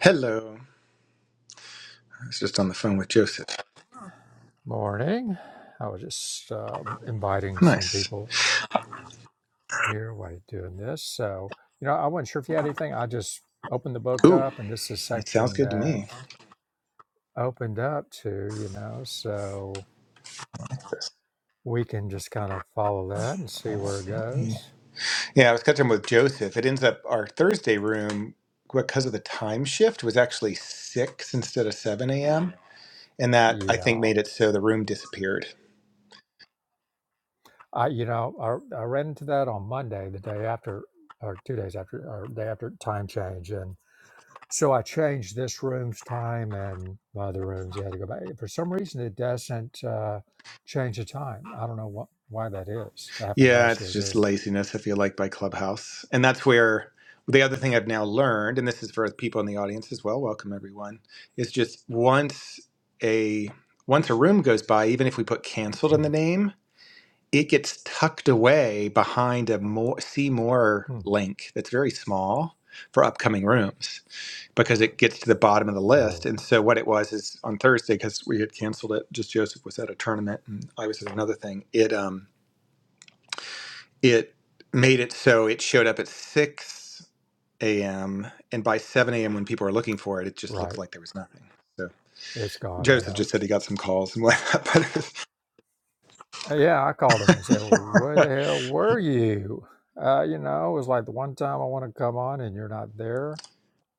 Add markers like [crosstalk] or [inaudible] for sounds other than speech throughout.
Hello. I was just on the phone with Joseph. Morning. I was just uh, inviting some Nice. people here while you're doing this. So, you know, I wasn't sure if you had anything. I just opened the book Ooh, up, and this is a it sounds section good to that me. opened up to, you know, so Like this. we can just kind of follow that and see where it goes. Yeah, I was catching up with Joseph. It ends up our Thursday room because of the time shift was actually six instead of seven a.m. And that I think Yeah. made it so the room disappeared. I, you know, I, I ran into that on Monday, the day after, or two days after, or day after time change. and. So I changed this room's time and my other rooms. You had to go back. For some reason, it doesn't uh, change the time. I don't know what why that is. That happened Yeah, last it's year just too. laziness, I feel like, by Clubhouse. And that's where the other thing I've now learned, and this is for people in the audience as well, welcome everyone, is just once a once a room goes by, even if we put canceled [clears throat] in the name, it gets tucked away behind a more, see more Hmm. link that's very small for upcoming rooms because it gets to the bottom of the list. Oh, And so what it was is on Thursday because we had canceled it. Just Joseph was at a tournament and I was at another thing. It um it made it so it showed up at six a.m. and by seven a.m. when people were looking for it, it just right. looked like there was nothing. So It's gone. I Joseph know. just said he got some calls and whatnot, Uh, Yeah, I called him I said, well, [laughs] "Where But the hell were you?" Uh, you know, it was like the one time I want to come on and you're not there.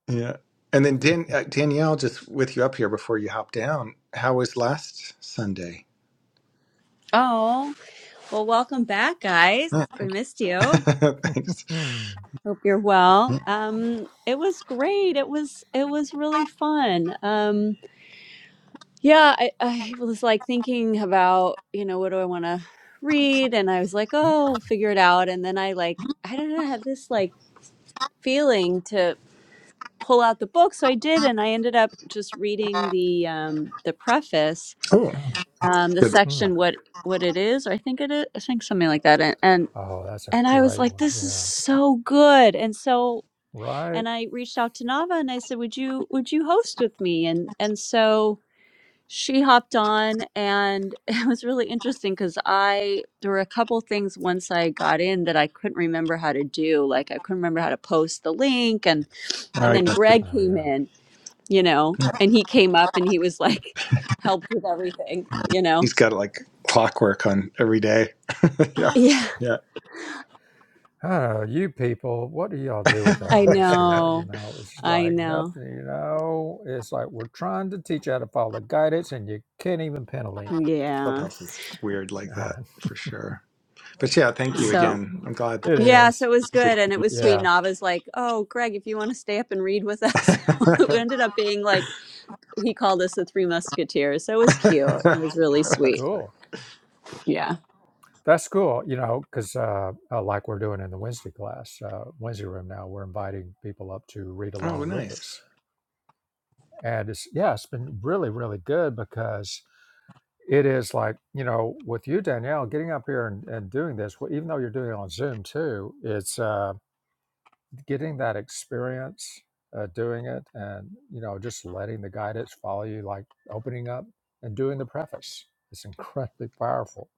Yeah. And then Dan, uh, Danielle, just with you up here before you hop down, how was last Sunday? Oh, well, welcome back, guys. Yeah, We thank you. missed you. [laughs] Thanks. Hmm. Hope you're well. Um, it was great. It was it was really fun. Um, yeah, I, I was like thinking about you know what do I want to read, and I was like, oh, figure it out. And then I like I don't know, I had this like feeling to pull out the book, so I did, and I ended up just reading the um, the preface, Oh, that's um, the good. Hmm. section what what it is, or I think it is, I think something like that, And Oh, that's a and I was great like, one. this is Yeah. so good. And so, Right. and I reached out to Nava and I said, would you, would you host with me? And, and so she hopped on and [laughs] it was really interesting because I, there were a couple things once I got in that I couldn't remember how to do. Like I couldn't remember how to post the link and, Oh, and yeah, then that's good. Greg Oh came yeah. in, you know, Yeah. and he came up and he was like, [laughs] helped with everything, you know? He's [laughs] got like clockwork on every day. [laughs] yeah. Yeah, Yeah. I you people, what do y'all do [laughs] without I us here? You know. know, it's just I like know. nothing, you know. It's like we're trying to teach you how to follow the guidance and you can't even pen a link. Yeah. Clubhouse is weird [laughs] like that for sure. But yeah, thank you So. again. I'm glad. That- it Yeah, so is. it was good and it was sweet. And Yeah, Nava's like, Oh, Greg, if you want to stay up and read with us. [laughs] it [laughs] ended up being like, he called us the Three Musketeers. So it was cute. It was really that's sweet. great. cool. Yeah. That's cool, you know, because uh, uh, like we're doing in the Wednesday class, uh, Wednesday room now, we're inviting people up to read Oh, along with nice. us. And it's, yeah, it's been really, really good because it is like you know with you danielle getting up here and, and doing this well, even though you're doing it on zoom too it's uh, getting that experience uh, doing it and you know just letting the guidance follow you like opening up and doing the preface it's incredibly powerful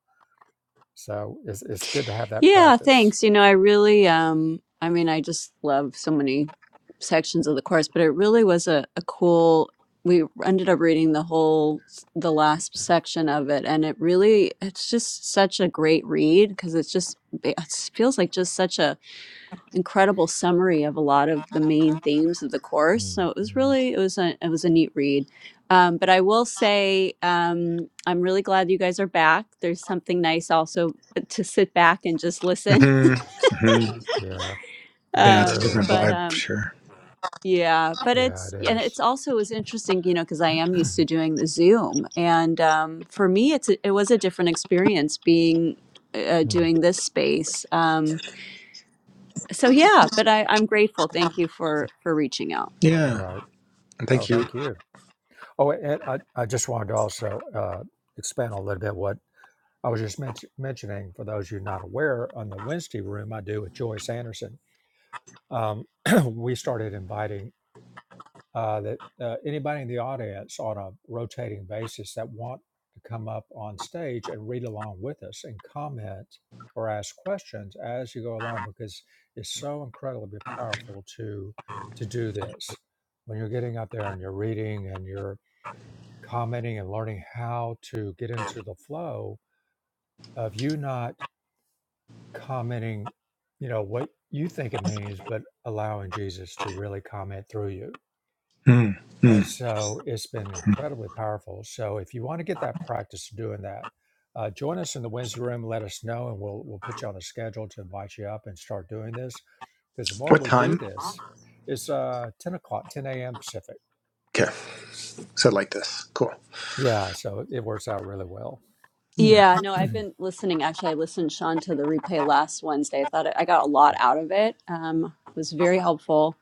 so it's, it's good to have that Yeah, practice thanks. You know, I really, um, I mean, I just love so many sections of the course, but it really was a, a cool, we ended up reading the whole, the last section of it. And it really, it's just such a great read because it's just, it feels like just such a, incredible summary of a lot of the main themes of the course. So it was Mhm. really it was a it was a neat read. Um, but I will say um, I'm really glad you guys are back. There's something nice also to sit back and just listen. [laughs] hmm hmm yeah that's Yeah, it's a Um, different true but vibe, um, sure. yeah, but yeah it it's and is it's [clears throat] also was interesting, you know, because I am used to doing the Zoom, and um, for me, it's a, it was a different experience being uh, Hmm. doing this space. Um, so yeah, but I, I'm grateful. Thank you for for reaching out. Yeah. Right. And Oh, thank you. thank you. Oh, and I, I just wanted to also uh, expand a little bit what I was just men- mentioning, for those of you not aware, on the Wednesday room I do with Joyce Anderson, um, [clears throat] we started inviting uh, that uh, anybody in the audience on a rotating basis that want to come up on stage and read along with us and comment or ask questions as you go along because it's so incredibly powerful to to do this when you're getting up there and you're reading and you're commenting and learning how to get into the flow of you not commenting, you know, what you think it means, but allowing Jesus to really comment through you. Mm, And mm. so it's been incredibly powerful. So if you want to get that practice doing that, uh, join us in the Wednesday room. Let us know, and we'll we'll put you on the schedule to invite you up and start doing this. Because the more What we do time? this, it's uh, ten o'clock, ten a.m. Pacific. Okay. So like this. Cool. Yeah, so it works out really well. Yeah. Yeah, no, I've [clears throat] been listening. Actually, I listened, Sean, to the replay last Wednesday. I thought I got a lot out of it. Um, it was very helpful,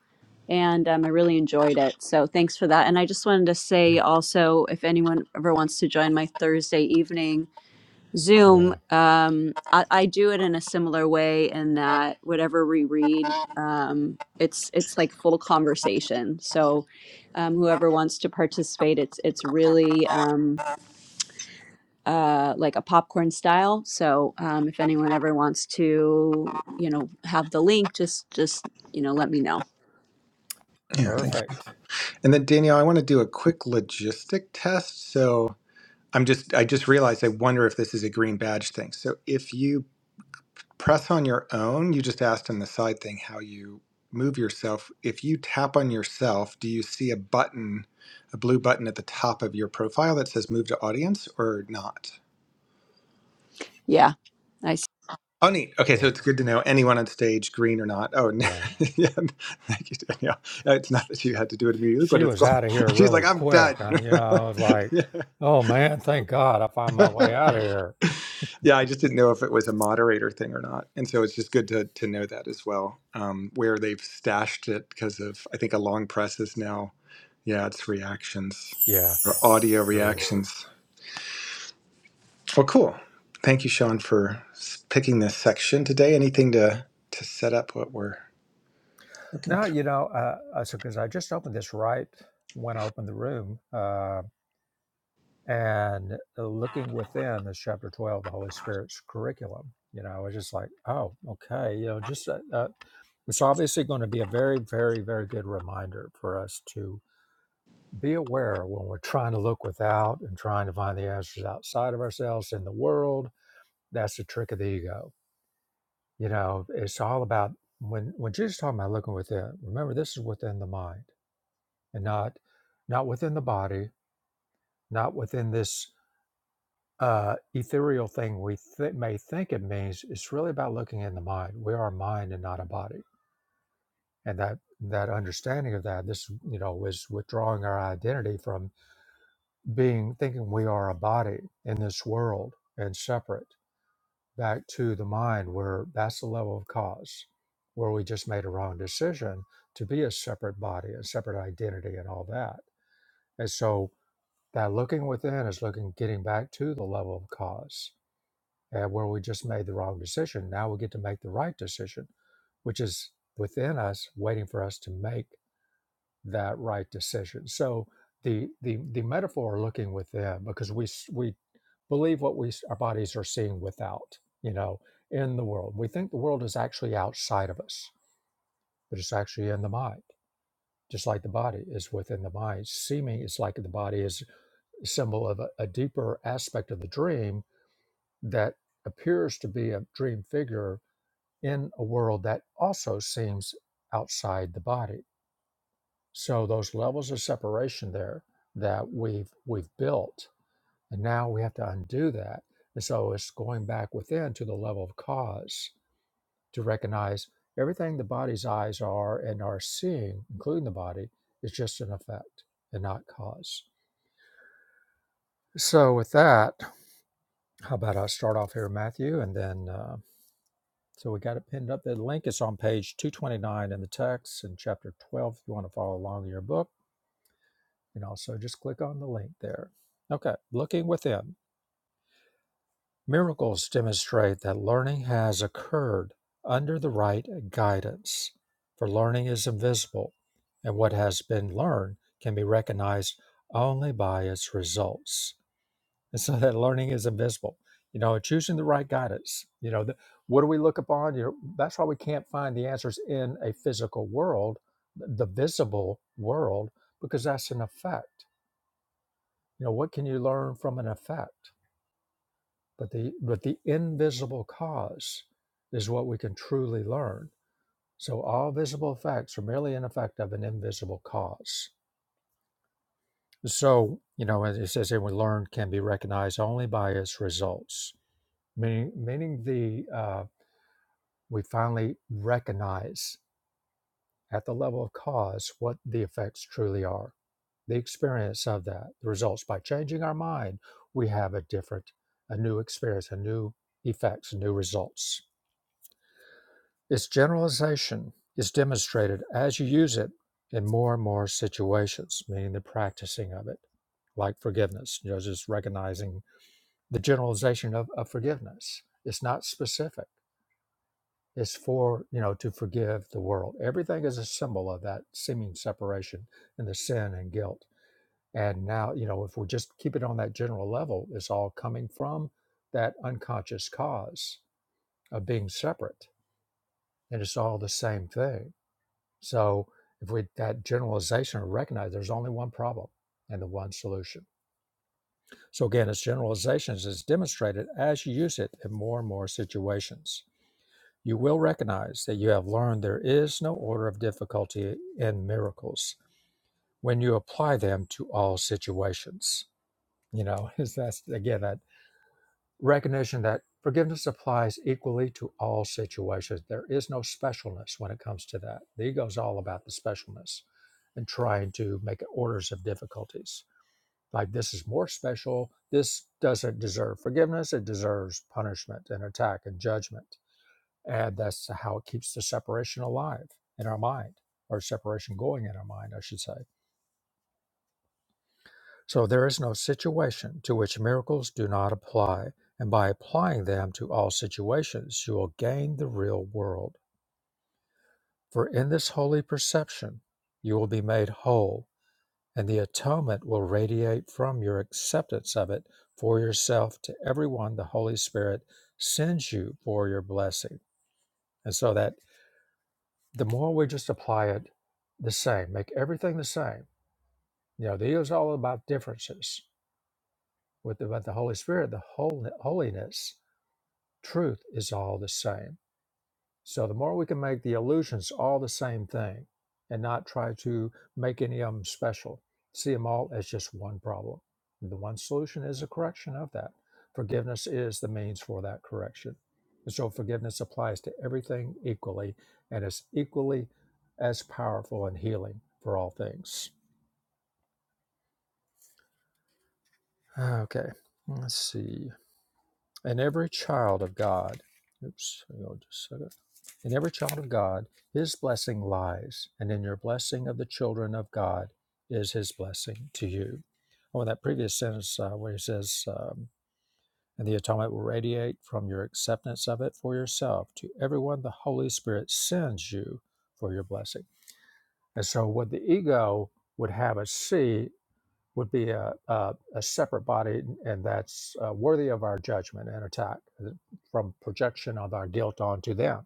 and um, I really enjoyed it. So thanks for that. And I just wanted to say also, if anyone ever wants to join my Thursday evening. Zoom, yeah, um, I, I do it in a similar way in that whatever we read, um, it's it's like full conversation. So um, whoever wants to participate, it's it's really um, uh, like a popcorn style. So um, if anyone ever wants to, you know, have the link, just just you know, let me know. Yeah. Thank you. perfect. And then Danielle, I want to do a quick logistic test. So I'm just I just realized I wonder if this is a green badge thing. So if you press on your own, you just asked in the side thing how you move yourself. If you tap on yourself, do you see a button, a blue button at the top of your profile that says move to audience or not? Yeah, I s- Oh, neat. Okay, so Cool. it's good to know anyone on stage, green or not. Oh, Right. [laughs] yeah. Thank you, Danielle. Uh, It's not that you had to do it immediately, she but it's was cool. out of here [laughs] She's really like, I'm quick. done. I mean, you know, I was [laughs] like, yeah. oh man, thank God I found [laughs] my way out of here. Yeah, I just didn't know if it was a moderator thing or not. And so it's just good to, to know that as well, um, where they've stashed it because of, I think, a long press is now, yeah, it's Yeah, reactions or audio true. reactions. Well, cool. Thank you, Sean, for s- picking this section today. Anything to, to set up what we're No, you know, uh, uh, so because I just opened this right when I opened the room, uh, and uh, looking within this chapter 12, the Holy Spirit's curriculum, you know, I was just like, oh, okay, you know, just uh, uh, it's obviously going to be a very, very, very good reminder for us to be aware when we're trying to look without and trying to find the answers outside of ourselves in the world That's the trick of the ego. You know, it's all about when when Jesus is talking about looking within. Remember, this is within the mind, and not not within the body, not within this uh, ethereal thing we th- may think it means. It's really about looking in the mind. We are mind and not a body, and that that understanding of that this you know is withdrawing our identity from being thinking we are a body in this world and separate back to the mind where that's the level of cause, where we just made a wrong decision to be a separate body, a separate identity, and all that. And so that looking within is looking, getting back to the level of cause and where we just made the wrong decision. Now we get to make the right decision, which is within us, waiting for us to make that right decision. So the the the metaphor are looking within because we s- we believe what we s- our bodies are seeing without, you know, in the world. We think the world is actually outside of us, but it's actually in the mind. Just like the body is within the mind, seeming it's like the body is a symbol of a, a deeper aspect of the dream that appears to be a dream figure in a world that also seems outside the body So those levels of separation there that we've we've built, and now we have to undo that. And so it's going back within to the level of cause to recognize everything the body's eyes are and are seeing, including the body, is just an effect and not cause. So with that, how about I start off here, Matthew, and then uh, so we got it pinned up. The link is on page 229 in the text in chapter 12. If you want to follow along in your book You know, so just click on the link there. Okay, looking within. Miracles demonstrate that learning has occurred under the right guidance, for learning is invisible, and what has been learned can be recognized only by its results. And so that learning is invisible. You know, choosing the right guidance. You know, the, what do we look upon? You know, that's why we can't find the answers in a physical world, the visible world, because that's an effect You know, what can you learn from an effect? But the but the invisible cause is what we can truly learn. So all visible effects are merely an effect of an invisible cause. So, you know, as it says here, we learn can be recognized only by its results. Meaning meaning the uh, we finally recognize. at the level of cause what the effects truly are. The experience of that, the results. By changing our mind, we have a different, a new experience, a new effects, new results. Its generalization is demonstrated as you use it in more and more situations, meaning the practicing of it, like forgiveness, you know, just recognizing the generalization of, of forgiveness. It's not specific is for, you know, to forgive the world. Everything is a symbol of that seeming separation and the sin and guilt. And now, you know, if we just keep it on that general level, it's all coming from that unconscious cause of being separate. And it's all the same thing. So if we that generalization or recognize there's only one problem and the one solution. So again, its generalizations is demonstrated as you use it in more and more situations. You will recognize that you have learned there is no order of difficulty in miracles when you apply them to all situations. You know, [laughs] is that's again that recognition that forgiveness applies equally to all situations. There is no specialness when it comes to that. The ego is all about the specialness and trying to make orders of difficulties. Like this is more special. This doesn't deserve forgiveness. It deserves punishment and attack and judgment and that's how it keeps the separation alive in our mind, or separation going in our mind, I should say. So there is no situation to which miracles do not apply. And by applying them to all situations, you will gain the real world. For in this holy perception, you will be made whole, and the atonement will radiate from your acceptance of it for yourself to everyone the Holy Spirit sends you for your blessing. And so that the more we just apply it the same, make everything the same. You know, the ego is all about differences. With the, with the Holy Spirit, the whole, holiness, truth is all the same. So the more we can make the illusions all the same thing and not try to make any of them special, see them all as just one problem. The one solution is a correction of that. Forgiveness is the means for that correction. And so forgiveness applies to everything equally and is equally as powerful and healing for all things. Okay, let's see. And every child of God, oops, hang on just a second. In every child of God, his blessing lies, and in your blessing of the children of God is his blessing to you. Oh, in that previous sentence uh, where he says, um, and the atonement will radiate from your acceptance of it for yourself to everyone the Holy Spirit sends you for your blessing. And so, what the ego would have us see would be a, a, a separate body, and that's uh, worthy of our judgment and attack uh, from projection of our guilt onto them.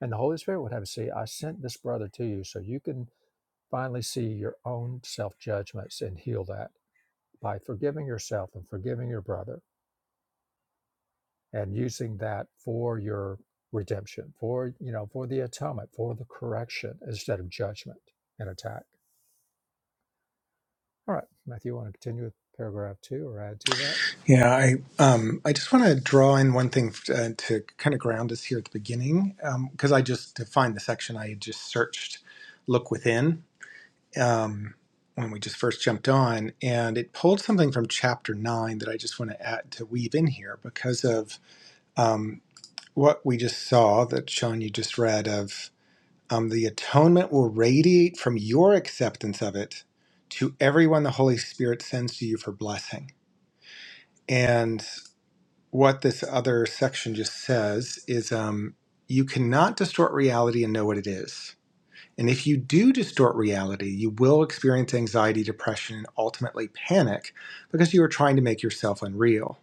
And the Holy Spirit would have us see, I sent this brother to you so you can finally see your own self judgments and heal that by forgiving yourself and forgiving your brother and using that for your redemption, for you know, for the atonement, for the correction instead of judgment and attack. All right, Matthew, you want to continue with paragraph two or add to that? Yeah, I um I just want to draw in one thing uh, to kind of ground us here at the beginning because I just to find the section I had just searched "Look Within" um, when we just first jumped on, and it pulled something from chapter nine that I just want to add to weave in here because of um, what we just saw that Sean you just read of um, the atonement will radiate from your acceptance of it to everyone the Holy Spirit sends to you for blessing and. what this other section just says is um, you cannot distort reality and know what it is. And if you do distort reality, you will experience anxiety, depression, and ultimately panic because you are trying to make yourself unreal.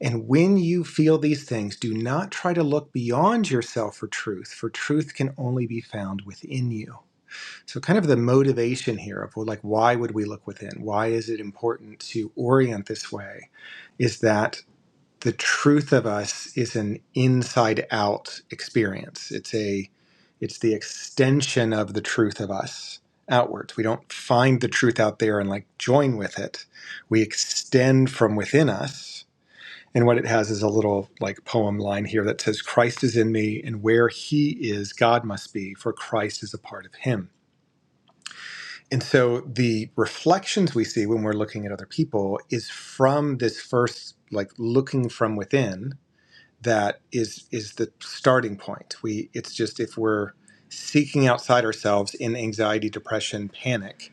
And when you feel these things, do not try to look beyond yourself for truth, for truth can only be found within you. So, kind of the motivation here of well, like, why would we look within? Why is it important to orient this way? Is that the truth of us is an inside out experience it's a it's the extension of the truth of us outwards we don't find the truth out there and like join with it we extend from within us and what it has is a little like poem line here that says christ is in me and where he is god must be for christ is a part of him and so the reflections we see when we're looking at other people is from this first like looking from within that is is the starting point. We it's just if we're seeking outside ourselves in anxiety, depression, panic,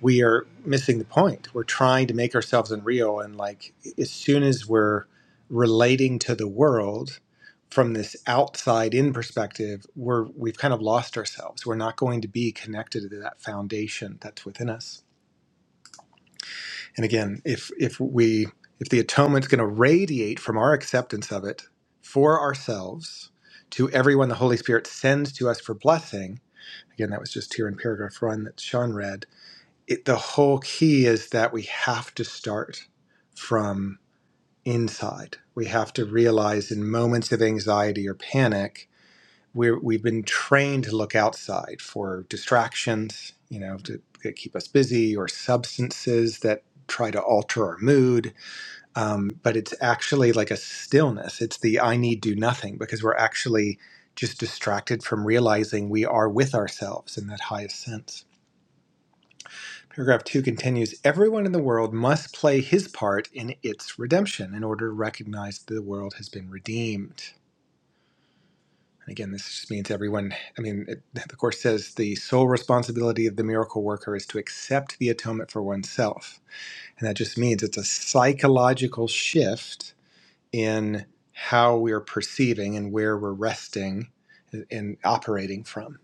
we are missing the point. We're trying to make ourselves unreal and like as soon as we're relating to the world from this outside in perspective, we're we've kind of lost ourselves. We're not going to be connected to that foundation that's within us. And again, if if we if the atonement's going to radiate from our acceptance of it for ourselves to everyone the Holy Spirit sends to us for blessing, again, that was just here in paragraph one that Sean read. It, the whole key is that we have to start from inside. We have to realize in moments of anxiety or panic we're we've been trained to look outside for distractions, you know, to, to keep us busy, or substances that try to alter our mood. Um, but it's actually like a stillness. It's the I need do nothing because we're actually just distracted from realizing we are with ourselves in that highest sense. Paragraph two continues Everyone in the world must play his part in its redemption in order to recognize that the world has been redeemed. And again, this just means everyone, I mean, it, the Course says the sole responsibility of the miracle worker is to accept the atonement for oneself. And that just means it's a psychological shift in how we're perceiving and where we're resting and operating from.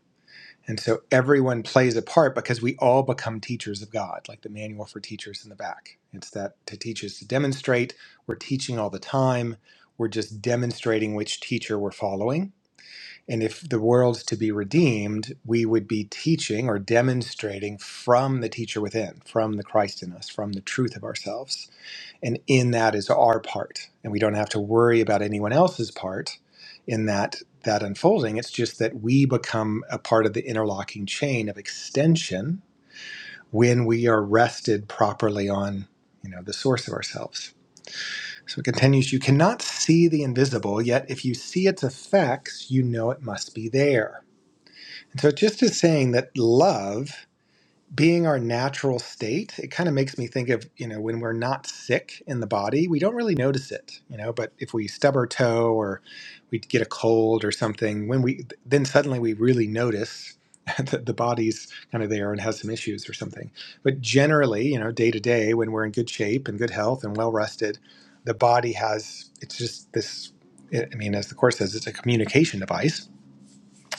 And so everyone plays a part because we all become teachers of God, like the manual for teachers in the back. It's that to teach is to demonstrate. We're teaching all the time. We're just demonstrating which teacher we're following and if the world's to be redeemed, we would be teaching or demonstrating from the teacher within, from the Christ in us, from the truth of ourselves. And in that is our part. And we don't have to worry about anyone else's part in that that unfolding. It's just that we become a part of the interlocking chain of extension when we are rested properly on, you know, the source of ourselves. So it continues, you cannot see the invisible, yet if you see its effects, you know it must be there. And So just as saying that love being our natural state, it kind of makes me think of, you know, when we're not sick in the body, we don't really notice it, you know, but if we stub our toe or we get a cold or something, when we then suddenly we really notice [laughs] that the body's kind of there and has some issues or something. But generally, you know, day to day when we're in good shape and good health and well rested, the body has it's just this I mean, as the course says, it's a communication device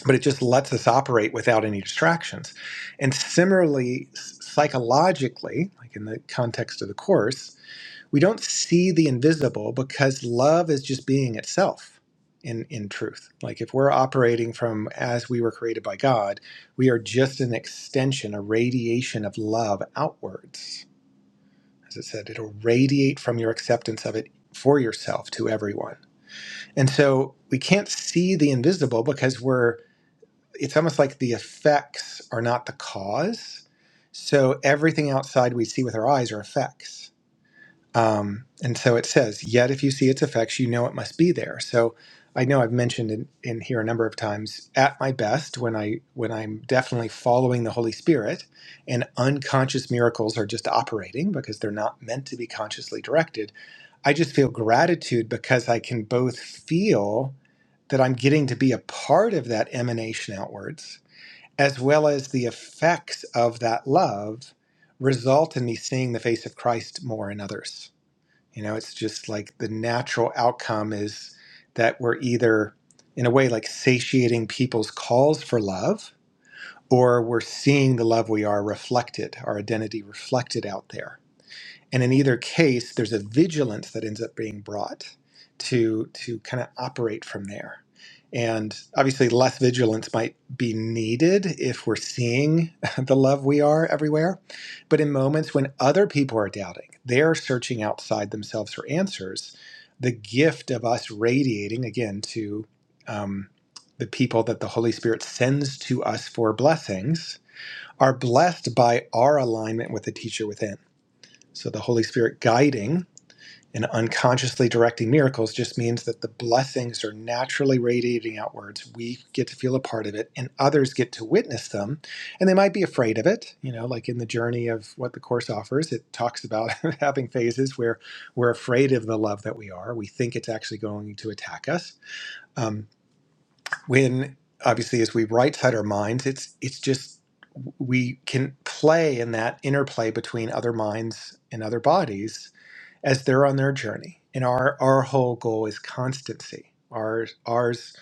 but it just lets us operate without any distractions. And similarly, psychologically, like in the context of the Course, we don't see the invisible because love is just being itself in, in truth. Like if we're operating from as we were created by God, we are just an extension, a radiation of love outwards. As it said, it'll radiate from your acceptance of it for yourself to everyone. And so we can't see the invisible because we're it's almost like the effects are not the cause. So everything outside we see with our eyes are effects. Um, and so it says, yet if you see its effects, you know it must be there. So I know I've mentioned in, in here a number of times at my best when I when I'm definitely following the Holy Spirit and unconscious miracles are just operating because they're not meant to be consciously directed. I just feel gratitude because I can both feel that I'm getting to be a part of that emanation outwards as well as the effects of that love result in me seeing the face of Christ more in others. You know, it's just like the natural outcome is that we're either, in a way, like satiating people's calls for love, or we're seeing the love we are reflected, our identity reflected out there and in either case there's a vigilance that ends up being brought to to kind of operate from there and obviously less vigilance might be needed if we're seeing [laughs] the love we are everywhere but in moments when other people are doubting they're searching outside themselves for answers the gift of us radiating again to um, the people that the holy spirit sends to us for blessings are blessed by our alignment with the teacher within so the Holy Spirit guiding and unconsciously directing miracles just means that the blessings are naturally radiating outwards. We get to feel a part of it and others get to witness them. And they might be afraid of it, you know, like in the journey of what the course offers, it talks about [laughs] having phases where we're afraid of the love that we are. We think it's actually going to attack us. Um, when obviously as we right side our minds, it's it's just we can play in that interplay between other minds and other bodies as they're on their journey. And our, our whole goal is constancy. Ours, ours,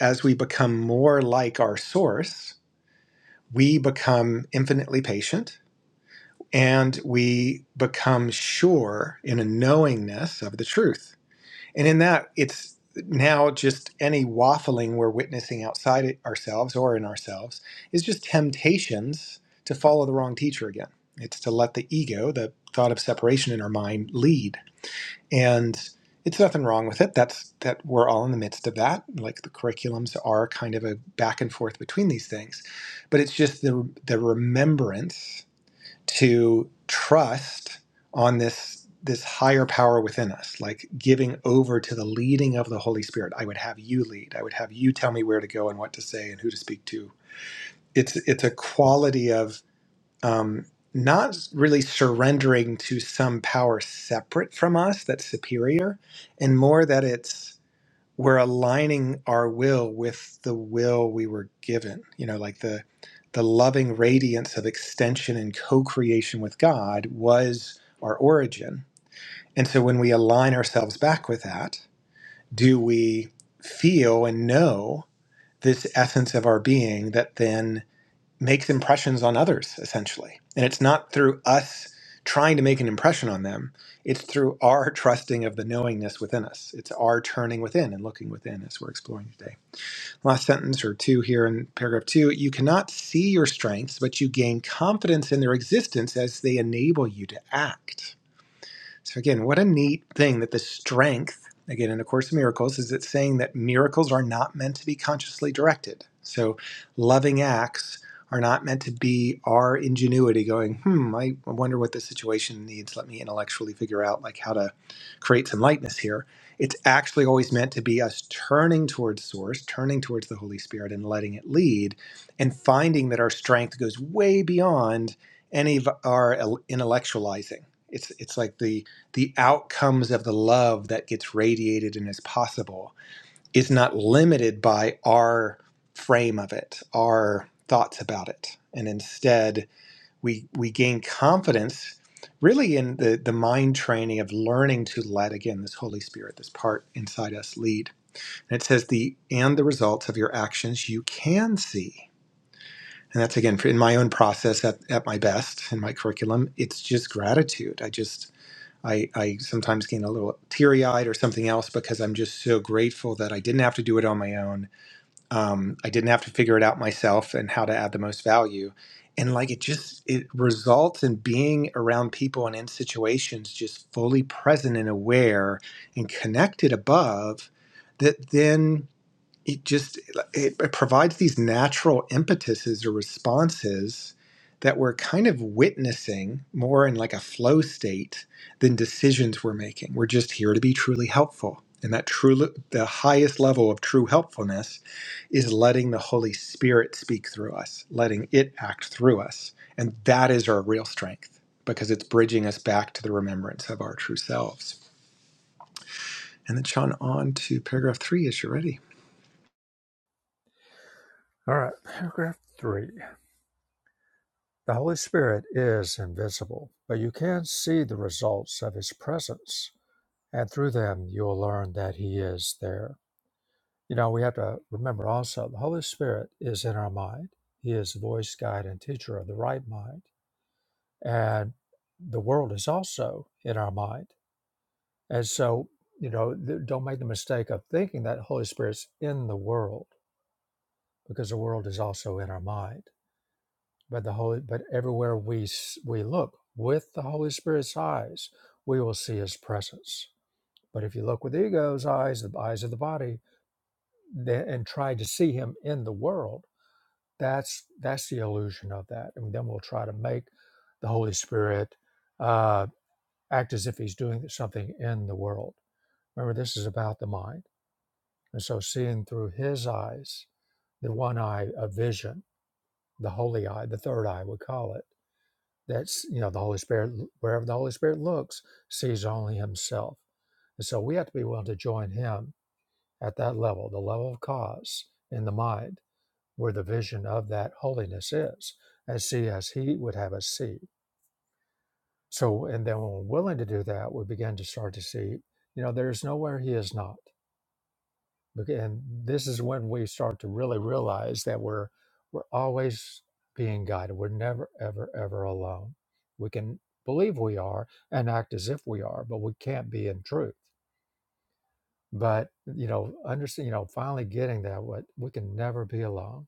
as we become more like our source, we become infinitely patient and we become sure in a knowingness of the truth. And in that, it's now just any waffling we're witnessing outside it- ourselves or in ourselves is just temptations to follow the wrong teacher again. It's to let the ego, the thought of separation in our mind, lead and it's nothing wrong with it that's that we're all in the midst of that like the curriculums are kind of a back and forth between these things but it's just the the remembrance to trust on this this higher power within us like giving over to the leading of the holy spirit i would have you lead i would have you tell me where to go and what to say and who to speak to it's it's a quality of um, not really surrendering to some power separate from us that's superior, and more that it's we're aligning our will with the will we were given. You know, like the the loving radiance of extension and co-creation with God was our origin. And so when we align ourselves back with that, do we feel and know this essence of our being that then makes impressions on others essentially and it's not through us trying to make an impression on them it's through our [laughs] trusting of the knowingness within us it's our turning within and looking within as we're exploring today last sentence or two here in paragraph 2 you cannot see your strengths but you gain confidence in their existence as they enable you to act so again, what a neat thing that the strength, again, in A Course in Miracles, is it's saying that miracles are not meant to be consciously directed. So loving acts are not meant to be our ingenuity going, hmm, I wonder what this situation needs. Let me intellectually figure out like how to create some lightness here. It's actually always meant to be us turning towards source, turning towards the Holy Spirit and letting it lead and finding that our strength goes way beyond any of our intellectualizing. It's it's like the the outcomes of the love that gets radiated and is possible is not limited by our frame of it, our thoughts about it. And instead, we, we gain confidence really in the, the mind training of learning to let again this Holy Spirit, this part inside us lead. And it says the and the results of your actions you can see. And that's again in my own process at, at my best in my curriculum, it's just gratitude. I just I, I sometimes get a little teary eyed or something else because I'm just so grateful that I didn't have to do it on my own. Um, I didn't have to figure it out myself and how to add the most value. And like it just, it results in being around people and in situations just fully present and aware and connected above that then it just it, it provides these natural impetuses or responses that we're kind of witnessing more in like a flow state than decisions we're making we're just here to be truly helpful and that true the highest level of true helpfulness is letting the holy spirit speak through us letting it act through us and that is our real strength because it's bridging us back to the remembrance of our true selves and then sean on to paragraph three as you're ready All right, paragraph three. The Holy Spirit is invisible, but you can see the results of His presence, and through them you will learn that He is there. You know, we have to remember also the Holy Spirit is in our mind. He is the voice, guide, and teacher of the right mind. And the world is also in our mind. And so, you know, don't make the mistake of thinking that Holy Spirit's in the world because the world is also in our mind But the holy, but everywhere we we look with the Holy Spirit's eyes, we will see His presence. But if you look with the ego's eyes, the eyes of the body, then, and try to see Him in the world, that's that's the illusion of that. And then we'll try to make the Holy Spirit uh, act as if He's doing something in the world. Remember, this is about the mind, and so seeing through His eyes, the one eye of vision, the holy eye, the third eye, we call it That's you know the Holy Spirit. Wherever the Holy Spirit looks, sees only Himself, and so we have to be willing to join Him at that level, the level of cause in the mind, where the vision of that holiness is, and see as He would have us see. So, and then when we're willing to do that, we begin to start to see. You know, there is nowhere He is not. Bec- And this is when we start to really realize that we're we're always being guided. We're never, ever, ever alone. We can believe we are and act as if we are, but we can't be in truth. But you know, understand, you know, finally getting that what we can never be alone,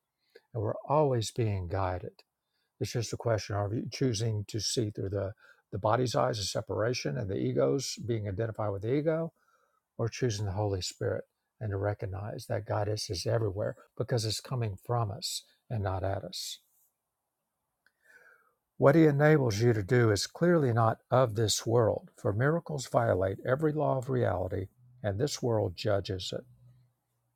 and we're always being guided. It's just a question of you choosing to see through the the body's eyes of separation and the ego's being identified with the ego, or choosing the Holy Spirit and to recognize that guidance is everywhere because it's coming from us and not at us. What he enables you to do is clearly not of this world, for miracles violate every law of reality, and this world judges it.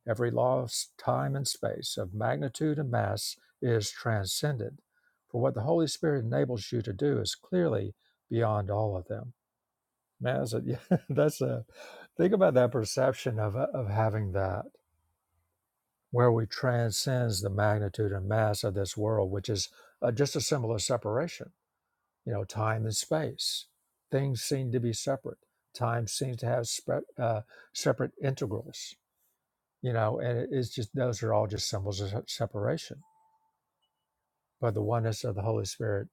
Every law of time and space, of magnitude and mass, is transcended. For what the Holy Spirit enables you to do is clearly beyond all of them. Man, that's a, [laughs] that's a think about that perception of, of having that where we transcends the magnitude and mass of this world, which is uh, just a symbol of separation. You know, time and space. Things seem to be separate. Time seems to have spe- uh, separate integrals. You know, and it- it's just those are all just symbols of se- separation. But the oneness of the Holy Spirit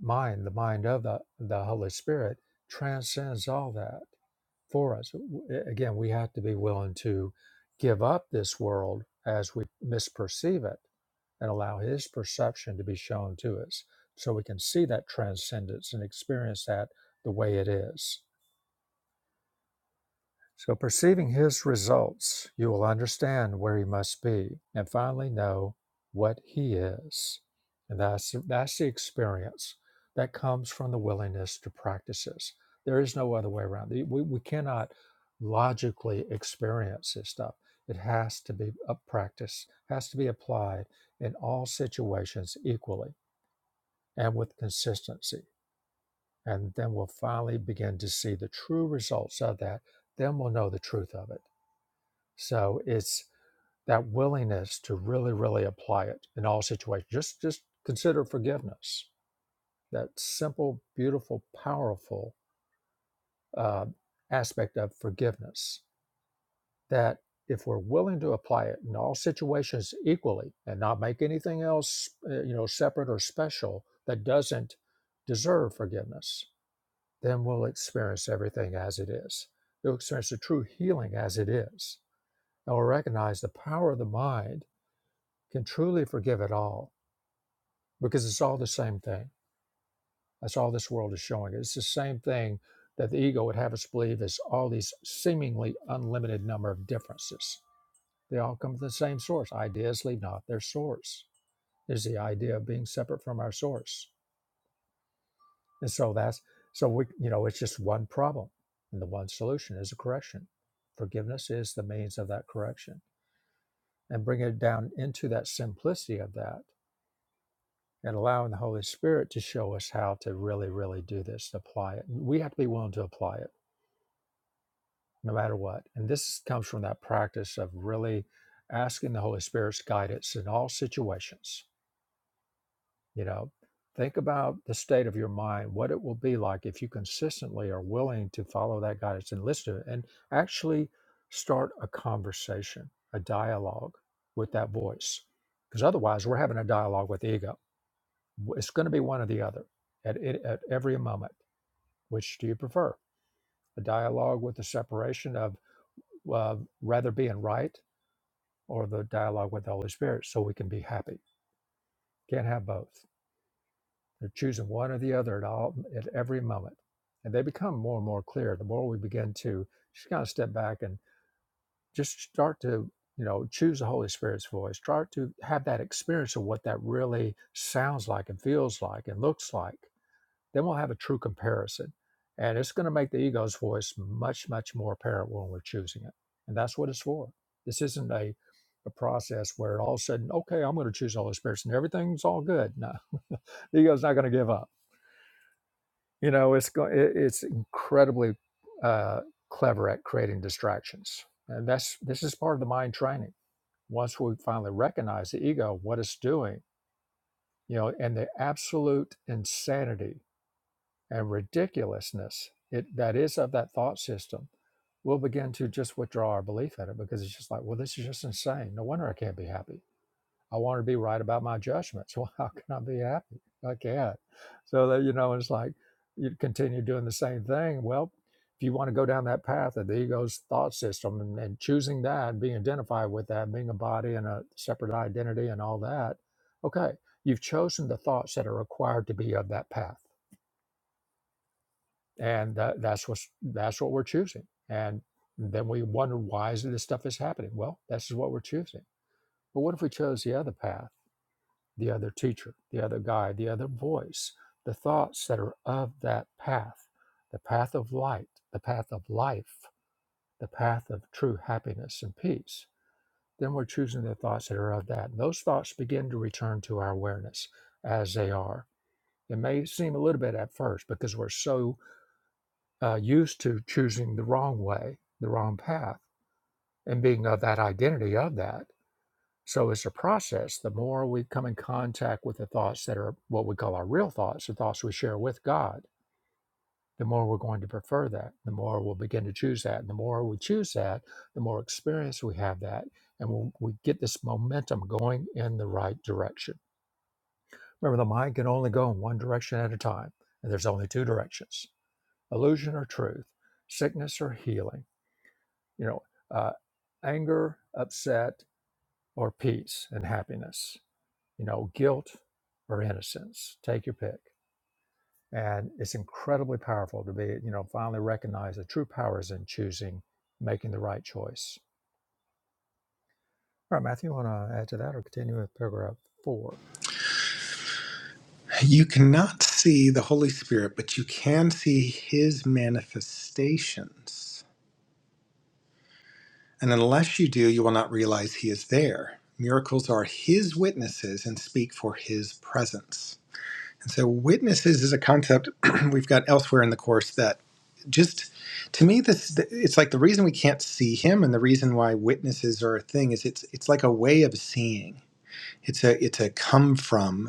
mind, the mind of the the Holy Spirit, transcends all that. for us. Again, we have to be willing to give up this world as we misperceive it and allow His perception to be shown to us so we can see that transcendence and experience that the way it is. So, perceiving his results, you will understand where he must be and finally know what he is. And that's, that's the experience that comes from the willingness to practice this. There is no other way around. We, we cannot logically experience this stuff. It has to be a practice, has to be applied in all situations equally and with consistency. And then we'll finally begin to see the true results of that. Then we'll know the truth of it so it's that willingness to really, really apply it in all situations. Just, just consider forgiveness. That simple, beautiful, powerful uh, aspect of forgiveness. That if we're willing to apply it in all situations equally and not make anything else, uh, you know, separate or special that doesn't deserve forgiveness, then we'll experience everything as it is. We'll experience the true healing as it is, and we'll recognize the power of the mind can truly forgive it all because it's all the same thing. That's all this world is showing. It's the same thing that the ego would have us believe is all these seemingly unlimited number of differences. They all come from the same source. Ideas leave not their source. Is the idea of being separate from our source. And so that's so we you know it's just one problem. And the one solution is a correction. Forgiveness is the means of that correction. And bring it down into that simplicity of that and allowing the Holy Spirit to show us how to really, really do this, apply it. We have to be willing to apply it no matter what. And this comes from that practice of really asking the Holy Spirit's guidance in all situations. You know, think about the state of your mind, what it will be like if you consistently are willing to follow that guidance and listen to it and actually start a conversation, a dialogue with that voice. Because otherwise, we're having a dialogue with the ego It's going to be one or the other at, at every moment. Which do you prefer? The dialogue with the separation of uh, rather being right or the dialogue with the Holy Spirit so we can be happy. Can't have both. They're choosing one or the other at all at every moment. And they become more and more clear the more we begin to just kind of step back and just start to, you know, choose the Holy Spirit's voice, start to have that experience of what that really sounds like and feels like and looks like Then we'll have a true comparison. And it's going to make the ego's voice much, much more apparent when we're choosing it. And that's what it's for. This isn't a, a process where all of a sudden, okay, I'm going to choose the Holy Spirit and everything's all good. No, [laughs] the ego's not going to give up. You know, it's go- it, it's incredibly uh, clever at creating distractions, and that's this is part of the mind training. Once we finally recognize the ego, what it's doing, you know, and the absolute insanity and ridiculousness it, that is of that thought system, we'll begin to just withdraw our belief in it because it's just like, well, this is just insane. No wonder I can't be happy. I want to be right about my judgments. [laughs] Well, how can I be happy? I can't. So that you know, it's like you continue doing the same thing. Well, if you want to go down that path of the ego's thought system and, and choosing that and being identified with that, being a body and a separate identity and all that, okay, you've chosen the thoughts that are required to be of that path and that, that's what that's what we're choosing and then we wonder why is this stuff is happening well this is what we're choosing but what if we chose the other path the other teacher the other guide the other voice the thoughts that are of that path the path of light the path of life the path of true happiness and peace then we're choosing the thoughts that are of that and those thoughts begin to return to our awareness as they are it may seem a little bit at first because we're so uh, used to choosing the wrong way, the wrong path, and being of that identity of that. So it's a process. The more we come in contact with the thoughts that are what we call our real thoughts, the thoughts we share with God, the more we're going to prefer that, the more we'll begin to choose that. And the more we choose that, the more experience we have that. And we'll, we get this momentum going in the right direction. Remember, the mind can only go in one direction at a time, and there's only two directions illusion or truth, sickness or healing you know, uh, anger, upset, or peace and happiness, you know, guilt or innocence. Take your pick. And it's incredibly powerful to be, you know, finally recognize the true power is in choosing, making the right choice. All right, Matthew, you want to add to that or continue with paragraph four? You cannot see the Holy Spirit, but you can see his manifestations. And unless you do, you will not realize he is there. Miracles are his witnesses and speak for his presence. And so, witnesses is a concept [clears throat] we've got elsewhere in the course that just to me this it's like the reason we can't see him and the reason why witnesses are a thing is it's it's like a way of seeing it's a it's a come from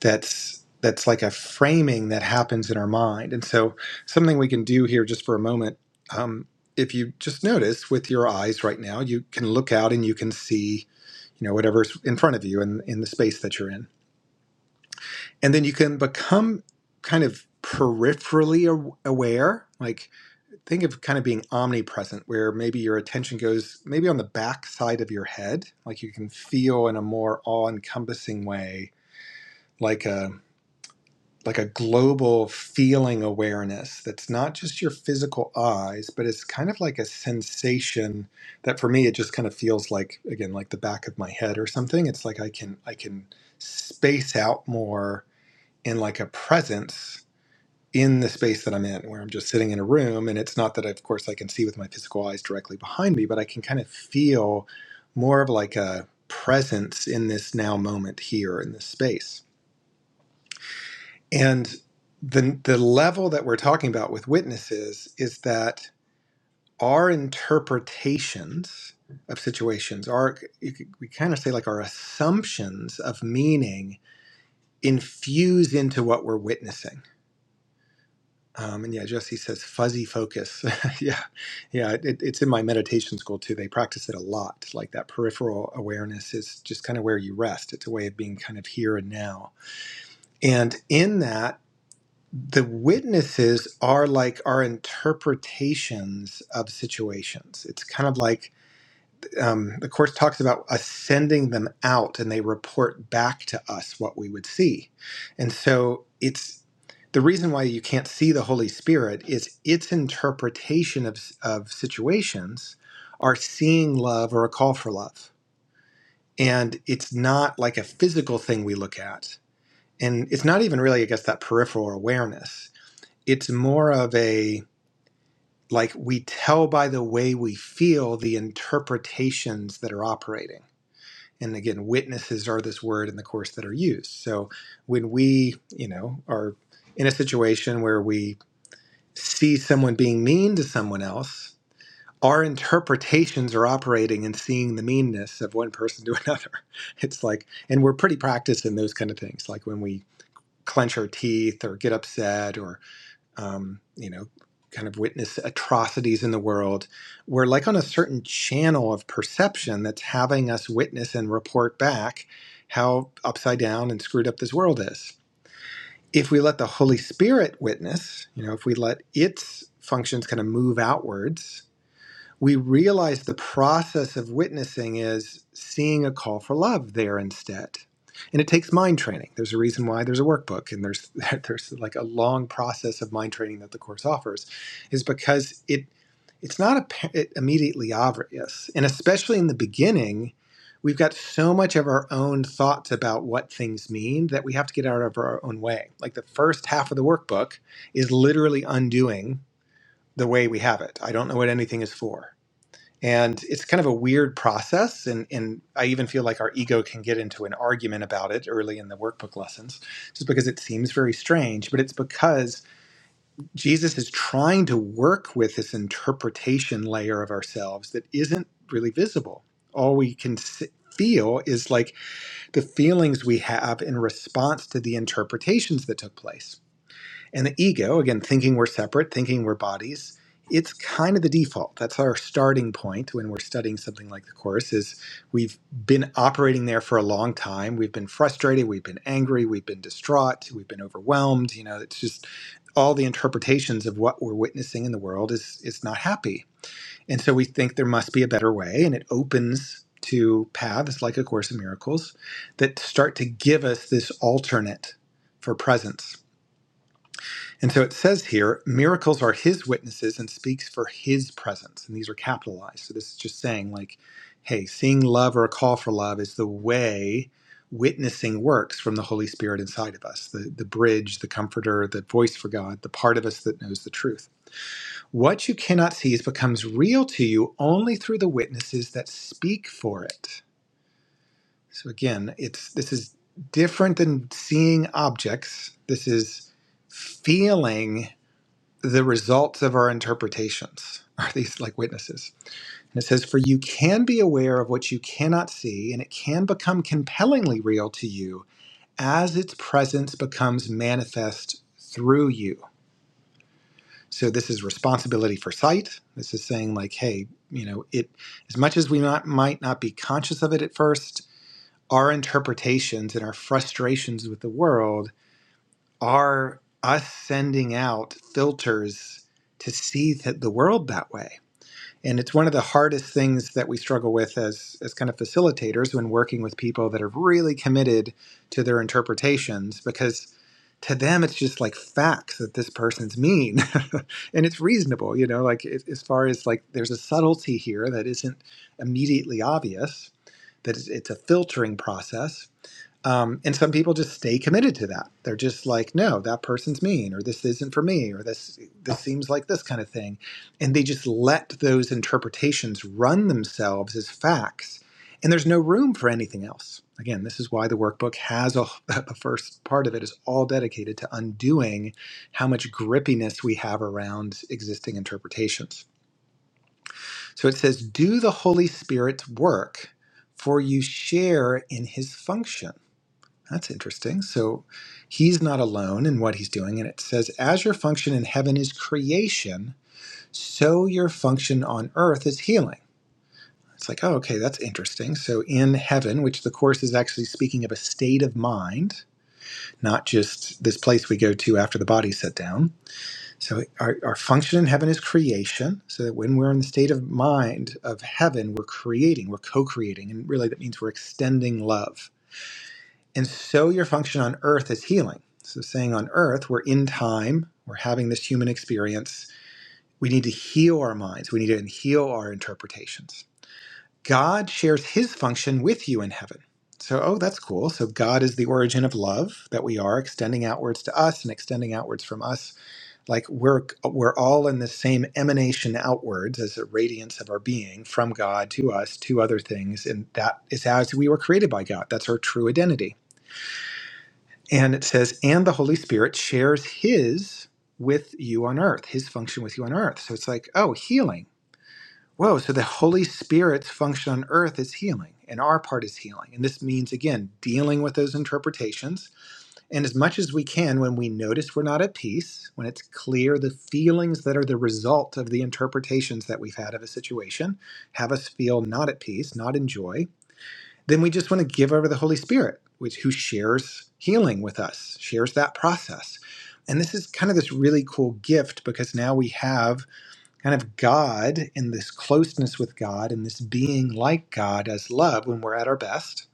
that's that's like a framing that happens in our mind. And so, something we can do here just for a moment, um, if you just notice with your eyes right now, you can look out and you can see, you know, whatever's in front of you and in, in the space that you're in, and then you can become kind of peripherally a- aware. Like think of kind of being omnipresent, where maybe your attention goes maybe on the back side of your head, like you can feel in a more all-encompassing way, like a like a global feeling awareness that's not just your physical eyes, but it's kind of like a sensation that for me it just kind of feels like again like the back of my head or something. It's like I can I can space out more in like a presence in the space that I'm in where I'm just sitting in a room and it's not that of course I can see with my physical eyes directly behind me, but I can kind of feel more of like a presence in this now moment here in this space. And the the level that we're talking about with witnesses is that our interpretations of situations our you could- we kind of say like our assumptions of meaning infuse into what we're witnessing. Um, and yeah, Jesse says fuzzy focus. [laughs] yeah, yeah, it, it's in my meditation school too. They practice it a lot. Like that peripheral awareness is just kind of where you rest. It's a way of being kind of here and now. And in that the witnesses are like our interpretations of situations. It's kind of like um, the course talks about us sending them out, and they report back to us what we would see. And so it's the reason why you can't see the Holy Spirit is its interpretation of of situations are seeing love or a call for love, and it's not like a physical thing we look at, and it's not even really, I guess, that peripheral awareness it's more of a like we tell by the way we feel the interpretations that are operating and again witnesses are this word in the course that are used so when we you know are in a situation where we see someone being mean to someone else our interpretations are operating and seeing the meanness of one person to [laughs] another it's like and we're pretty practiced in those kind of things like when we clench our teeth or get upset or um, you know, kind of witness atrocities in the world. We're like on a certain channel of perception that's having us witness and report back how upside down and screwed up this world is. If we let the Holy Spirit witness, you know, if we let its functions kind of move outwards we realize the process of witnessing is seeing a call for love there instead. And it takes mind training. There's a reason why there's a workbook and there's [laughs] there's like a long process of mind training that the course offers is because it it's not appa- it immediately obvious. And especially in the beginning, we've got so much of our own thoughts about what things mean that we have to get out of our own way. Like the first half of the workbook is literally undoing the way we have it. I don't know what anything is for and it's kind of a weird process. And, and I even feel like our ego can get into an argument about it early in the workbook lessons, just because it seems very strange. But it's because Jesus is trying to work with this interpretation layer of ourselves that isn't really visible. All we can s- feel is like the feelings we have in response to the interpretations that took place. And the ego, again, thinking we're separate, thinking we're bodies, it's kind of the default. That's our starting point when we're studying something like the course is we've been operating there for a long time. We've been frustrated, we've been angry, we've been distraught, we've been overwhelmed, you know, it's just all the interpretations of what we're witnessing in the world is is not happy. And so we think there must be a better way and it opens to paths like a course in miracles that start to give us this alternate for presence and so it says here, miracles are his witnesses and speaks for his presence. And these are capitalized. So this is just saying, like, hey, seeing love or a call for love is the way witnessing works from the Holy Spirit inside of us the, the bridge, the comforter, the voice for God, the part of us that knows the truth. What you cannot see becomes real to you only through the witnesses that speak for it. So again, it's this is different than seeing objects. This is feeling the results of our interpretations [laughs] are these like witnesses. And it says, For you can be aware of what you cannot see, and it can become compellingly real to you as its presence becomes manifest through you. So this is responsibility for sight. This is saying, like, hey, you know, it as much as we not, might not be conscious of it at first, our interpretations and our frustrations with the world are us sending out filters to see th- the world that way And it's one of the hardest things that we struggle with as, as kind of facilitators when working with people that are really committed to their interpretations because to them it's just like facts that this person's mean. [laughs] and it's reasonable, you know, like it, as far as like there's a subtlety here that isn't immediately obvious, that it's, it's a filtering process. Um, and some people just stay committed to that. They're just like, no, that person's mean, or this isn't for me, or this this seems like this kind of thing, and they just let those interpretations run themselves as facts. And there's no room for anything else. Again, this is why the workbook has a, [laughs] the first part of it is all dedicated to undoing how much grippiness we have around existing interpretations. So it says, "Do the Holy Spirit's work, for you share in His function." That's interesting. So he's not alone in what he's doing. And it says, As your function in heaven is creation, so your function on earth is healing. It's like, oh, okay, that's interesting. So in heaven, which the Course is actually speaking of a state of mind, not just this place we go to after the body's set down. So our, our function in heaven is creation, so that when we're in the state of mind of heaven, we're creating, we're co creating. And really, that means we're extending love and so your function on earth is healing. So, saying on earth, we're in time, we're having this human experience. We need to heal our minds, we need to heal our interpretations. God shares his function with you in heaven. So, oh, that's cool. So, God is the origin of love that we are extending outwards to us and extending outwards from us. Like we're, we're all in the same emanation outwards as a radiance of our being from God to us to other things. And that is as we were created by God. That's our true identity. And it says, and the Holy Spirit shares his with you on earth, his function with you on earth. So it's like, oh, healing. Whoa, so the Holy Spirit's function on earth is healing, and our part is healing. And this means, again, dealing with those interpretations. And as much as we can, when we notice we're not at peace, when it's clear the feelings that are the result of the interpretations that we've had of a situation have us feel not at peace, not in joy, then we just want to give over the Holy Spirit, which who shares healing with us, shares that process. And this is kind of this really cool gift because now we have kind of God and this closeness with God and this being like God as love when we're at our best.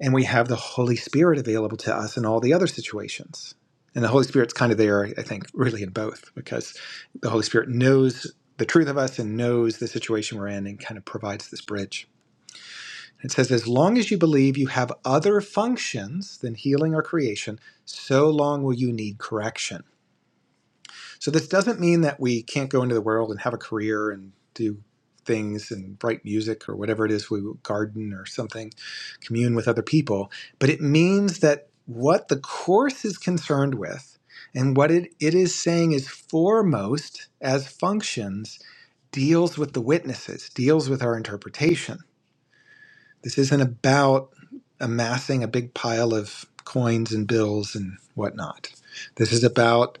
And we have the Holy Spirit available to us in all the other situations. And the Holy Spirit's kind of there, I think, really in both because the Holy Spirit knows the truth of us and knows the situation we're in and kind of provides this bridge. It says, as long as you believe you have other functions than healing or creation, so long will you need correction. So, this doesn't mean that we can't go into the world and have a career and do things and write music or whatever it is we garden or something, commune with other people. But it means that what the Course is concerned with and what it, it is saying is foremost as functions deals with the witnesses, deals with our interpretation. This isn't about amassing a big pile of coins and bills and whatnot. This is about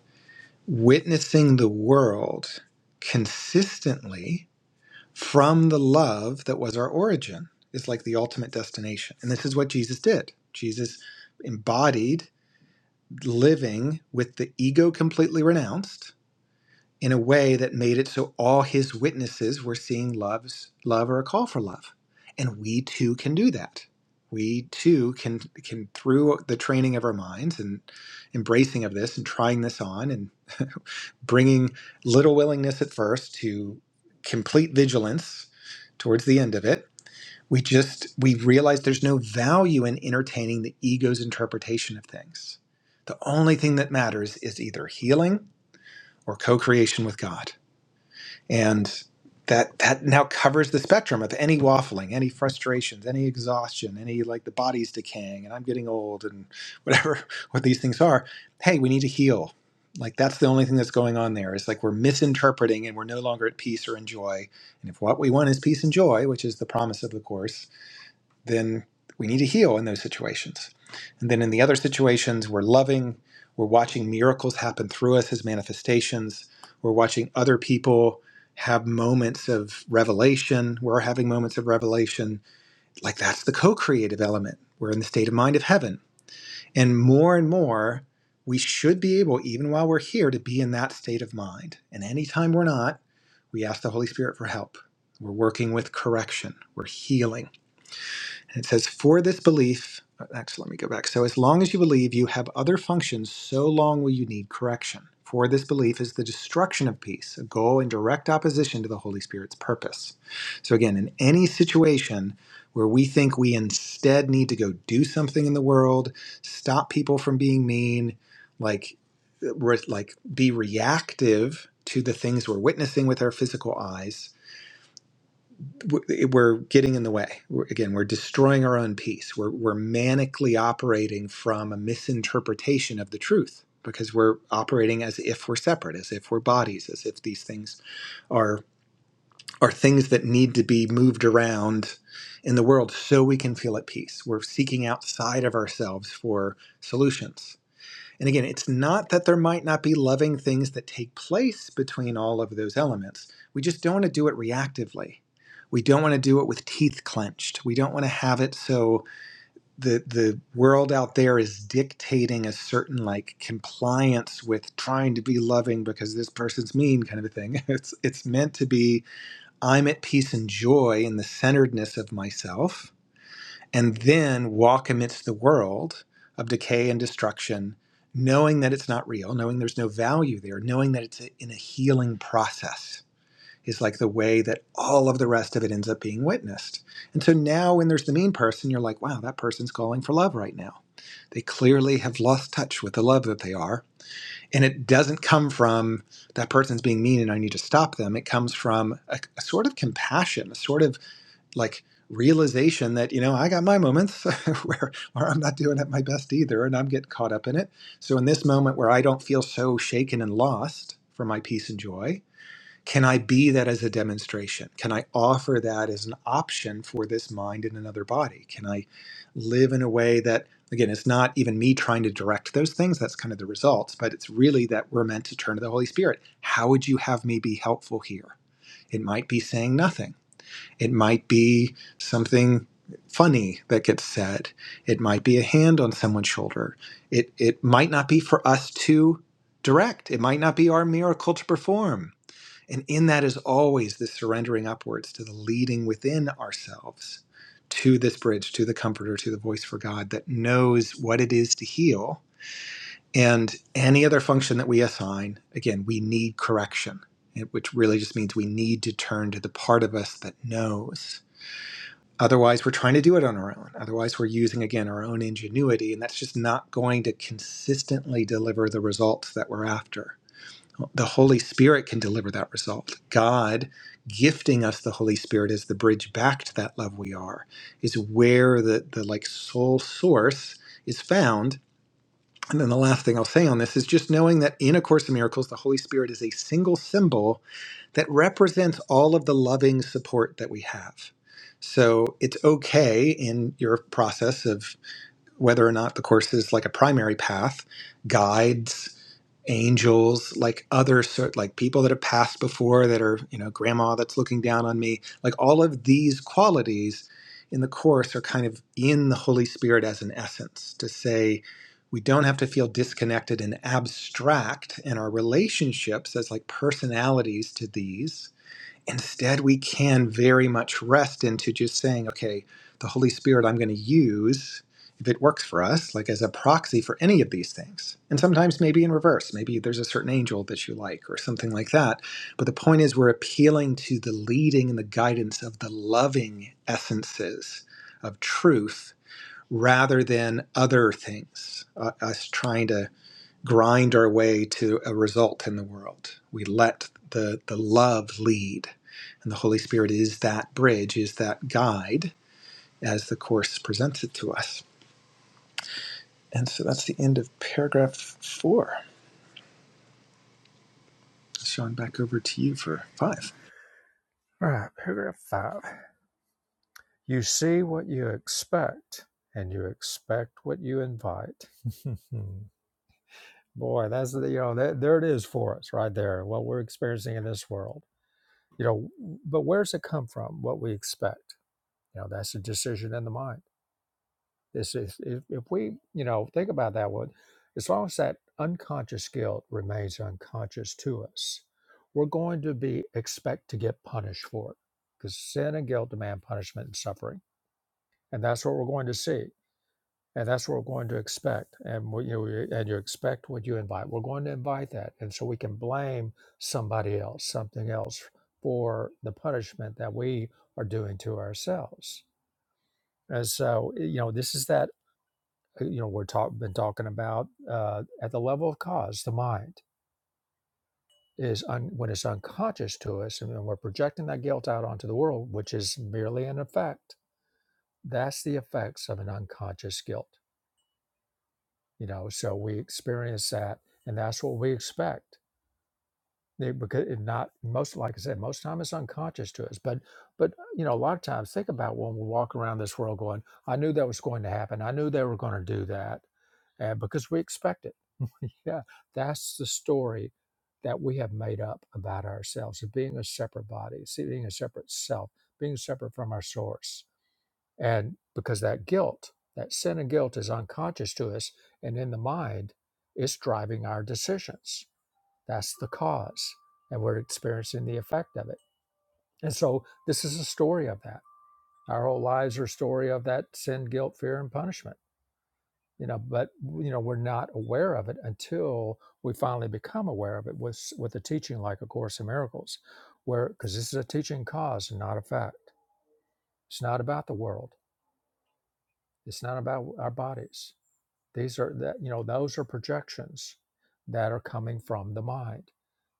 witnessing the world consistently from the love that was our origin, is like the ultimate destination. And this is what Jesus did. Jesus embodied living with the ego completely renounced in a way that made it so all his witnesses were seeing love's love or a call for love and we too can do that we too can can through the training of our minds and embracing of this and trying this on and [laughs] bringing little willingness at first to complete vigilance towards the end of it we just we realize there's no value in entertaining the ego's interpretation of things the only thing that matters is either healing or co-creation with god and that that now covers the spectrum of any waffling any frustrations any exhaustion any like the body's decaying and i'm getting old and whatever [laughs] what these things are hey we need to heal like that's the only thing that's going on there it's like we're misinterpreting and we're no longer at peace or in joy and if what we want is peace and joy which is the promise of the course then we need to heal in those situations. And then in the other situations, we're loving, we're watching miracles happen through us as manifestations, we're watching other people have moments of revelation, we're having moments of revelation. Like that's the co creative element. We're in the state of mind of heaven. And more and more, we should be able, even while we're here, to be in that state of mind. And anytime we're not, we ask the Holy Spirit for help. We're working with correction, we're healing and it says, For this belief, uh, actually, let me go back. So, as long as you believe you have other functions, so long will you need correction. For this belief is the destruction of peace, a goal in direct opposition to the Holy Spirit's purpose. So, again, in any situation where we think we instead need to go do something in the world, stop people from being mean, like, uh, re- like be reactive to the things we're witnessing with our physical eyes w- we're getting in the way. We're, again, we're destroying our own peace. We're, we're manically operating from a misinterpretation of the truth because we're operating as if we're separate, as if we're bodies, as if these things are are things that need to be moved around in the world so we can feel at peace. We're seeking outside of ourselves for solutions and again, it's not that there might not be loving things that take place between all of those elements. We just don't want to do it reactively. We don't want to do it with teeth clenched. We don't want to have it so the the world out there is dictating a certain like compliance with trying to be loving because this person's mean kind of a thing. [laughs] It's it's meant to be I'm at peace and joy in the centeredness of myself and then walk amidst the world of decay and destruction, knowing that it's not real, knowing there's no value there, knowing that it's in a healing process is like the way that all of the rest of it ends up being witnessed. And so now when there's the mean person, you're like, wow, that person's calling for love right now. They clearly have lost touch with the love that they are. And it doesn't come from that person's being mean and I need to stop them. It comes from a, a sort of compassion, a sort of like realization that you know I got my moments [laughs] where where I'm not doing at my best either, and I'm getting caught up in it. So in this moment where I don't feel so shaken and lost for my peace and joy, can I be that as a demonstration? Can I offer that as an option for this mind in another body? Can I live in a way that again it's not even me trying to direct those things that's kind of the results but it's really that we're meant to turn to the holy spirit how would you have me be helpful here it might be saying nothing it might be something funny that gets said. It might be a hand on someone's shoulder. It it might not be for us to direct. It might not be our miracle to perform. And in that is always the surrendering upwards to the leading within ourselves to this bridge, to the comforter, to the voice for God that knows what it is to heal. And any other function that we assign, again, we need correction, which really just means we need to turn to the part of us that knows Otherwise, we're trying to do it on our own. Otherwise, we're using, again, our own ingenuity, and that's just not going to consistently deliver the results that we're after. The Holy Spirit can deliver that result. God gifting us the Holy Spirit is the bridge back to that love we are, is where the, the like soul source is found and then the last thing I'll say on this is just knowing that in A Course in Miracles, the Holy Spirit is a single symbol that represents all of the loving support that we have. So it's okay in your process of whether or not the course is like a primary path, guides angels, like other sort, like people that have passed before that are, you know, grandma that's looking down on me. Like all of these qualities in the Course are kind of in the Holy Spirit as an essence to say we don't have to feel disconnected and abstract in our relationships as like personalities to these Instead, we can very much rest into just saying, okay, the Holy Spirit I'm going to use if it works for us, like as a proxy for any of these things. And sometimes maybe in reverse, maybe there's a certain angel that you like or something like that. But the point is, we're appealing to the leading and the guidance of the loving essences of truth rather than other things, uh, us trying to grind our way to a result in the world. We let the, the love lead. And the Holy Spirit is that bridge, is that guide as the Course presents it to us. And so that's the end of paragraph four. Sean, back over to you for five. All right, paragraph five. You see what you expect, and you expect what you invite. [laughs] Boy, that's the, you know, that, there it is for us right there, what we're experiencing in this world you know but where does it come from what we expect you know that's a decision in the mind this is if, if we you know think about that one as long as that unconscious guilt remains unconscious to us we're going to be expect to get punished for it because sin and guilt demand punishment and suffering and that's what we're going to see and that's what we're going to expect and what you know, we- and you expect what you invite we're going to invite that and so we can blame somebody else something else for the punishment that we are doing to ourselves and so you know this is that uh, you know we're talk, been talking about uh, at the level of cause the mind is un, when it's unconscious to us and when we're projecting that guilt out onto the world which is merely an effect that's the effects of an unconscious guilt you know so we experience that and that's what we expect They- because it not most like i said most time it's unconscious to us but but you know a lot of times think about when we walk around this world going i knew that was going to happen i knew they were going to do that and because we expect it [laughs] yeah that's the story that we have made up about ourselves of being a separate body see, being a separate self being separate from our source and because that guilt, that sin and guilt is unconscious to us and in the mind, it's driving our decisions. That's the cause. And we're experiencing the effect of it. And so this is a story of that. Our whole lives are a story of that sin, guilt, fear, and punishment. You know, but you know, we're not aware of it until we finally become aware of it with with a teaching like A Course in Miracles, where because this is a teaching cause and not a fact. It's not about the world. It's not about our bodies These are that you know those are projections that are coming from the mind,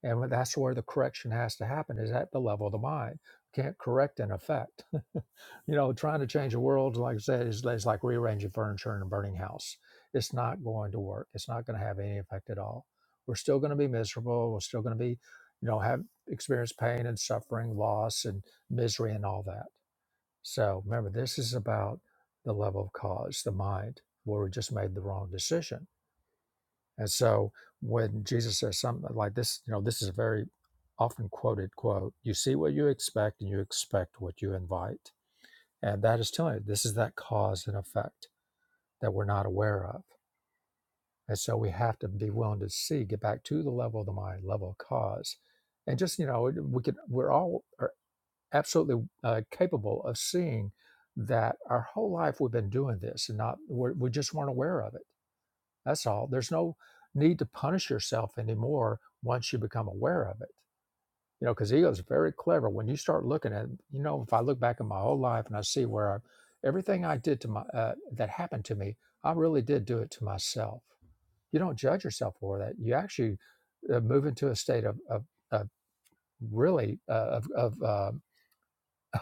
and that's where the correction has to happen is at the level of the mind. Can't correct an effect. [laughs] you know, trying to change the world, like I said, is, is like rearranging furniture in a burning house. It's not going to work. It's not going to have any effect at all. We're still going to be miserable. We're still going to be, you know, have experience pain and suffering, loss and misery and all that so remember, this is about the level of cause, the mind, where we just made the wrong decision. And so when Jesus says something like this, you know, this is a very often quoted quote you see what you expect and you expect what you invite. And that is telling you this is that cause and effect that we're not aware of. And so we have to be willing to see, get back to the level of the mind, level of cause. And just, you know, we could, we're all absolutely uh, capable of seeing that our whole life we've been doing this and not we're, we just weren't aware of it that's all there's no need to punish yourself anymore once you become aware of it you know because ego is very clever when you start looking at you know if i look back at my whole life and i see where I, everything i did to my uh, that happened to me i really did do it to myself you don't judge yourself for that you actually uh, move into a state of, of, of really uh, of, of uh,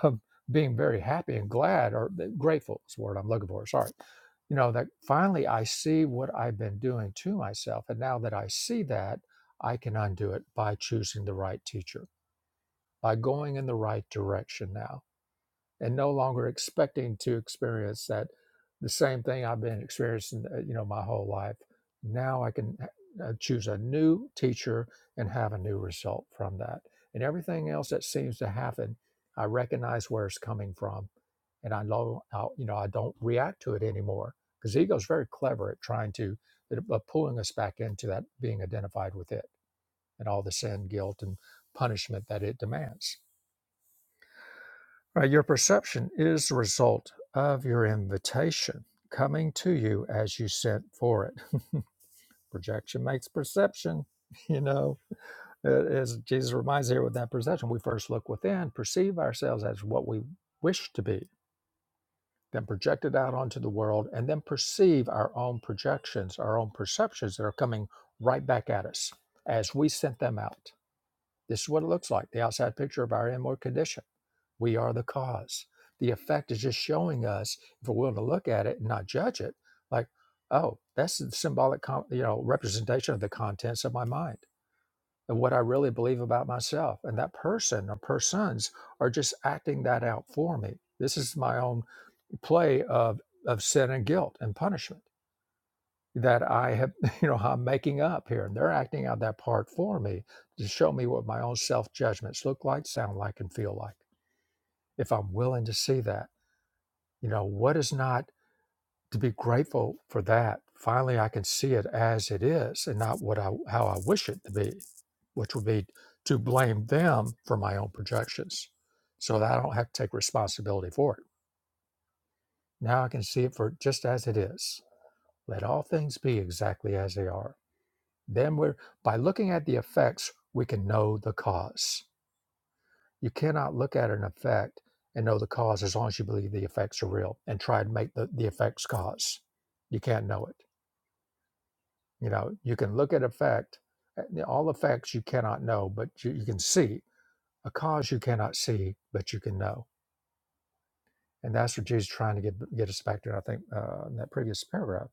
um, being very happy and glad or uh, grateful is the word I'm looking for. Sorry. You know, that finally I see what I've been doing to myself. And now that I see that, I can undo it by choosing the right teacher, by going in the right direction now and no longer expecting to experience that the same thing I've been experiencing, uh, you know, my whole life. Now I can uh, uh, choose a new teacher and have a new result from that. And everything else that seems to happen, I recognize where it's coming from, and I know, how, you know, I don't react to it anymore because ego's very clever at trying to, at, uh, pulling us back into that being identified with it and all the sin, guilt, and punishment that it demands Right, your perception is the result of your invitation coming to you as you sent for it. Projection makes perception, [laughs] you know. Uh, As Jesus reminds here with that perception, we first look within, perceive ourselves as what we wish to be, then project it out onto the world, and then perceive our own projections, our own perceptions that are coming right back at us as we sent them out. This is what it looks like the outside picture of our inward condition We are the cause. The effect is just showing us, if we're willing to look at it and not judge it, like, oh, that's the symbolic, con- you know, representation of the contents of my mind and what I really believe about myself. And that person or persons are just acting that out for me. This is my own play of of sin and guilt and punishment that I have, [laughs] you know, I'm making up here, and they're acting out that part for me to show me what my own self judgments look like, sound like, and feel like. If I'm willing to see that. You know, what is not to be grateful for that? Finally, I can see it as it is and not what I, how I wish it to be, which would be to blame them for my own projections so that I don't have to take responsibility for it. Now I can see it for just as it is. Let all things be exactly as they are. Then we're, by looking at the effects, we can know the cause. You cannot look at an effect and know the cause as long as you believe the effects are real and try to make the, the effects cause. You can't know it. You know, you can look at effect, uh, all effects you cannot know, but you, you can see a cause you cannot see, but you can know. And that's what Jesus is trying to get get us back to. I think uh, in that previous paragraph,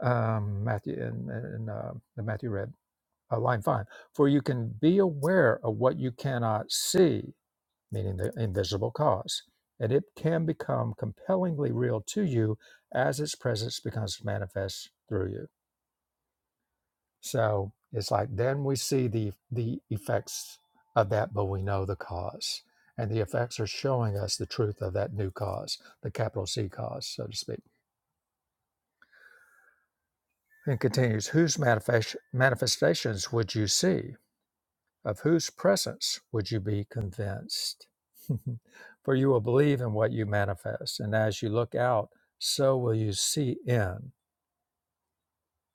um, Matthew in, in uh, the Matthew read uh, line five. For you can be aware of what you cannot see, meaning the invisible cause. And it can become compellingly real to you as its presence becomes manifest through you. So it's like then we see the the effects of that, but we know the cause. And the effects are showing us the truth of that new cause, the capital C cause, so to speak. And continues, whose manifest, manifestations would you see? Of whose presence would you be convinced? [laughs] For you will believe in what you manifest, and as you look out, so will you see in.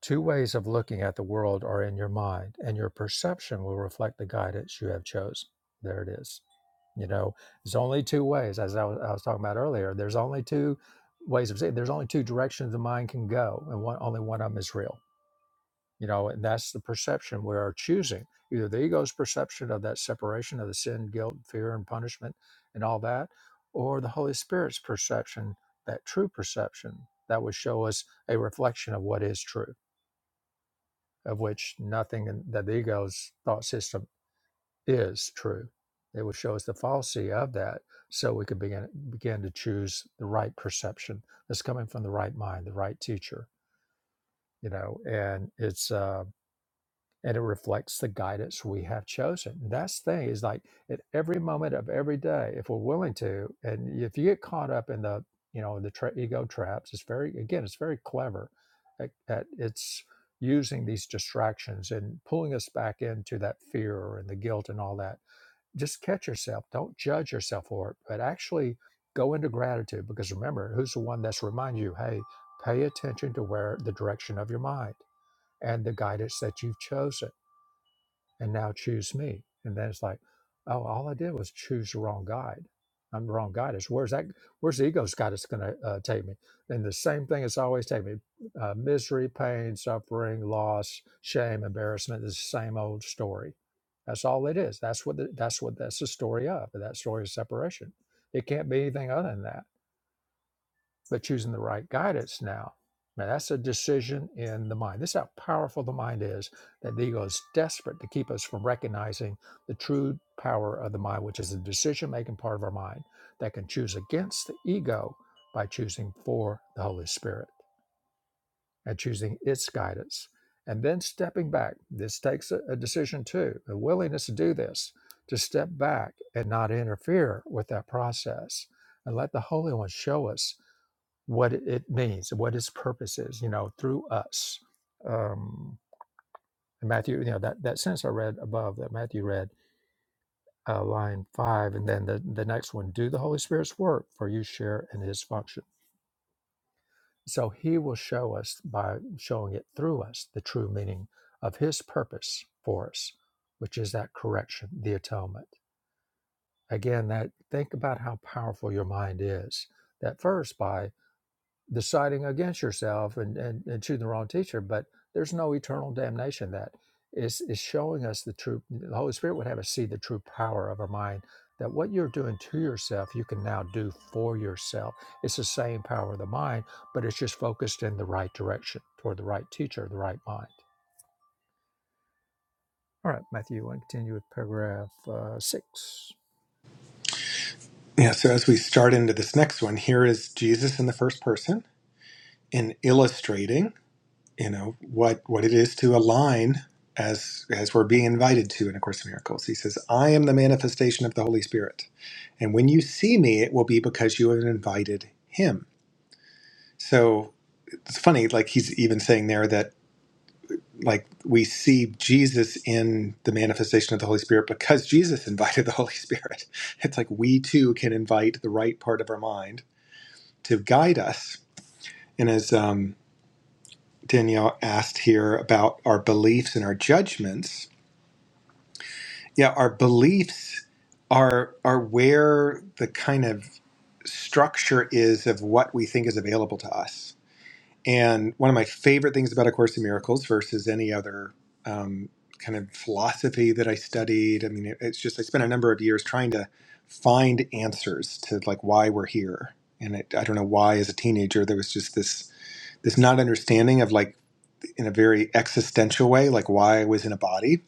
Two ways of looking at the world are in your mind, and your perception will reflect the guidance you have chosen. There it is. You know, there's only two ways, as I was, I was talking about earlier. There's only two ways of seeing. There's only two directions the mind can go, and one, only one of them is real you know and that's the perception we are choosing either the ego's perception of that separation of the sin guilt fear and punishment and all that or the holy spirit's perception that true perception that would show us a reflection of what is true of which nothing in, that the ego's thought system is true it would show us the falsity of that so we could begin begin to choose the right perception that's coming from the right mind the right teacher you know and it's uh and it reflects the guidance we have chosen. And That's the thing is like at every moment of every day, if we're willing to, and if you get caught up in the you know the tra- ego traps, it's very again, it's very clever at, at it's using these distractions and pulling us back into that fear and the guilt and all that. Just catch yourself. Don't judge yourself for it, but actually go into gratitude because remember, who's the one that's reminding you, hey, pay attention to where the direction of your mind and the guidance that you've chosen and now choose me. And then it's like, oh, all I did was choose the wrong guide. I'm the wrong guide. It's where's that? Where's the ego's guide that's going to uh, take me? And the same thing is always take me: uh, misery, pain, suffering, loss, shame, embarrassment. It's the same old story. That's all it is. That's what. The, that's what. That's the story of. And That story is separation. It can't be anything other than that but choosing the right guidance now. Now that's a decision in the mind. This is how powerful the mind is that the ego is desperate to keep us from recognizing the true power of the mind, which is the decision making part of our mind that can choose against the ego by choosing for the Holy Spirit and choosing its guidance. And then stepping back. This takes a, a decision too, a willingness to do this, to step back and not interfere with that process and let the Holy One show us what it means, what its purpose is, you know, through us. Um, Matthew, you know, that, that sentence I read above that Matthew read, uh, line five, and then the, the next one, do the Holy Spirit's work for you share in his function. So he will show us by showing it through us the true meaning of his purpose for us, which is that correction, the atonement. Again, that think about how powerful your mind is. That first by deciding against yourself and, and, and choosing the wrong teacher, but there's no eternal damnation that is is showing us the true the Holy Spirit would have us see the true power of our mind that what you're doing to yourself you can now do for yourself. It's the same power of the mind, but it's just focused in the right direction toward the right teacher, the right mind. All right, Matthew, you want continue with paragraph uh, six. Yeah, so as we start into this next one, here is Jesus in the first person in illustrating. you know what what it is to align as as we're being invited to in a course in miracles he says i am the manifestation of the holy spirit and when you see me it will be because you have invited him so it's funny like he's even saying there that like we see jesus in the manifestation of the holy spirit because jesus invited the holy spirit [laughs] it's like we too can invite the right part of our mind to guide us and as um, danielle asked here about our beliefs and our judgments yeah, our beliefs are are where the kind of structure is of what we think is available to us. And one of my favorite things about A Course in Miracles versus any other um, kind of philosophy that I studied, I mean, it, it's just I spent a number of years trying to find answers to like why we're here. And it, I don't know why, as a teenager, there was just this this not understanding of like in a very existential way, like why I was in a body.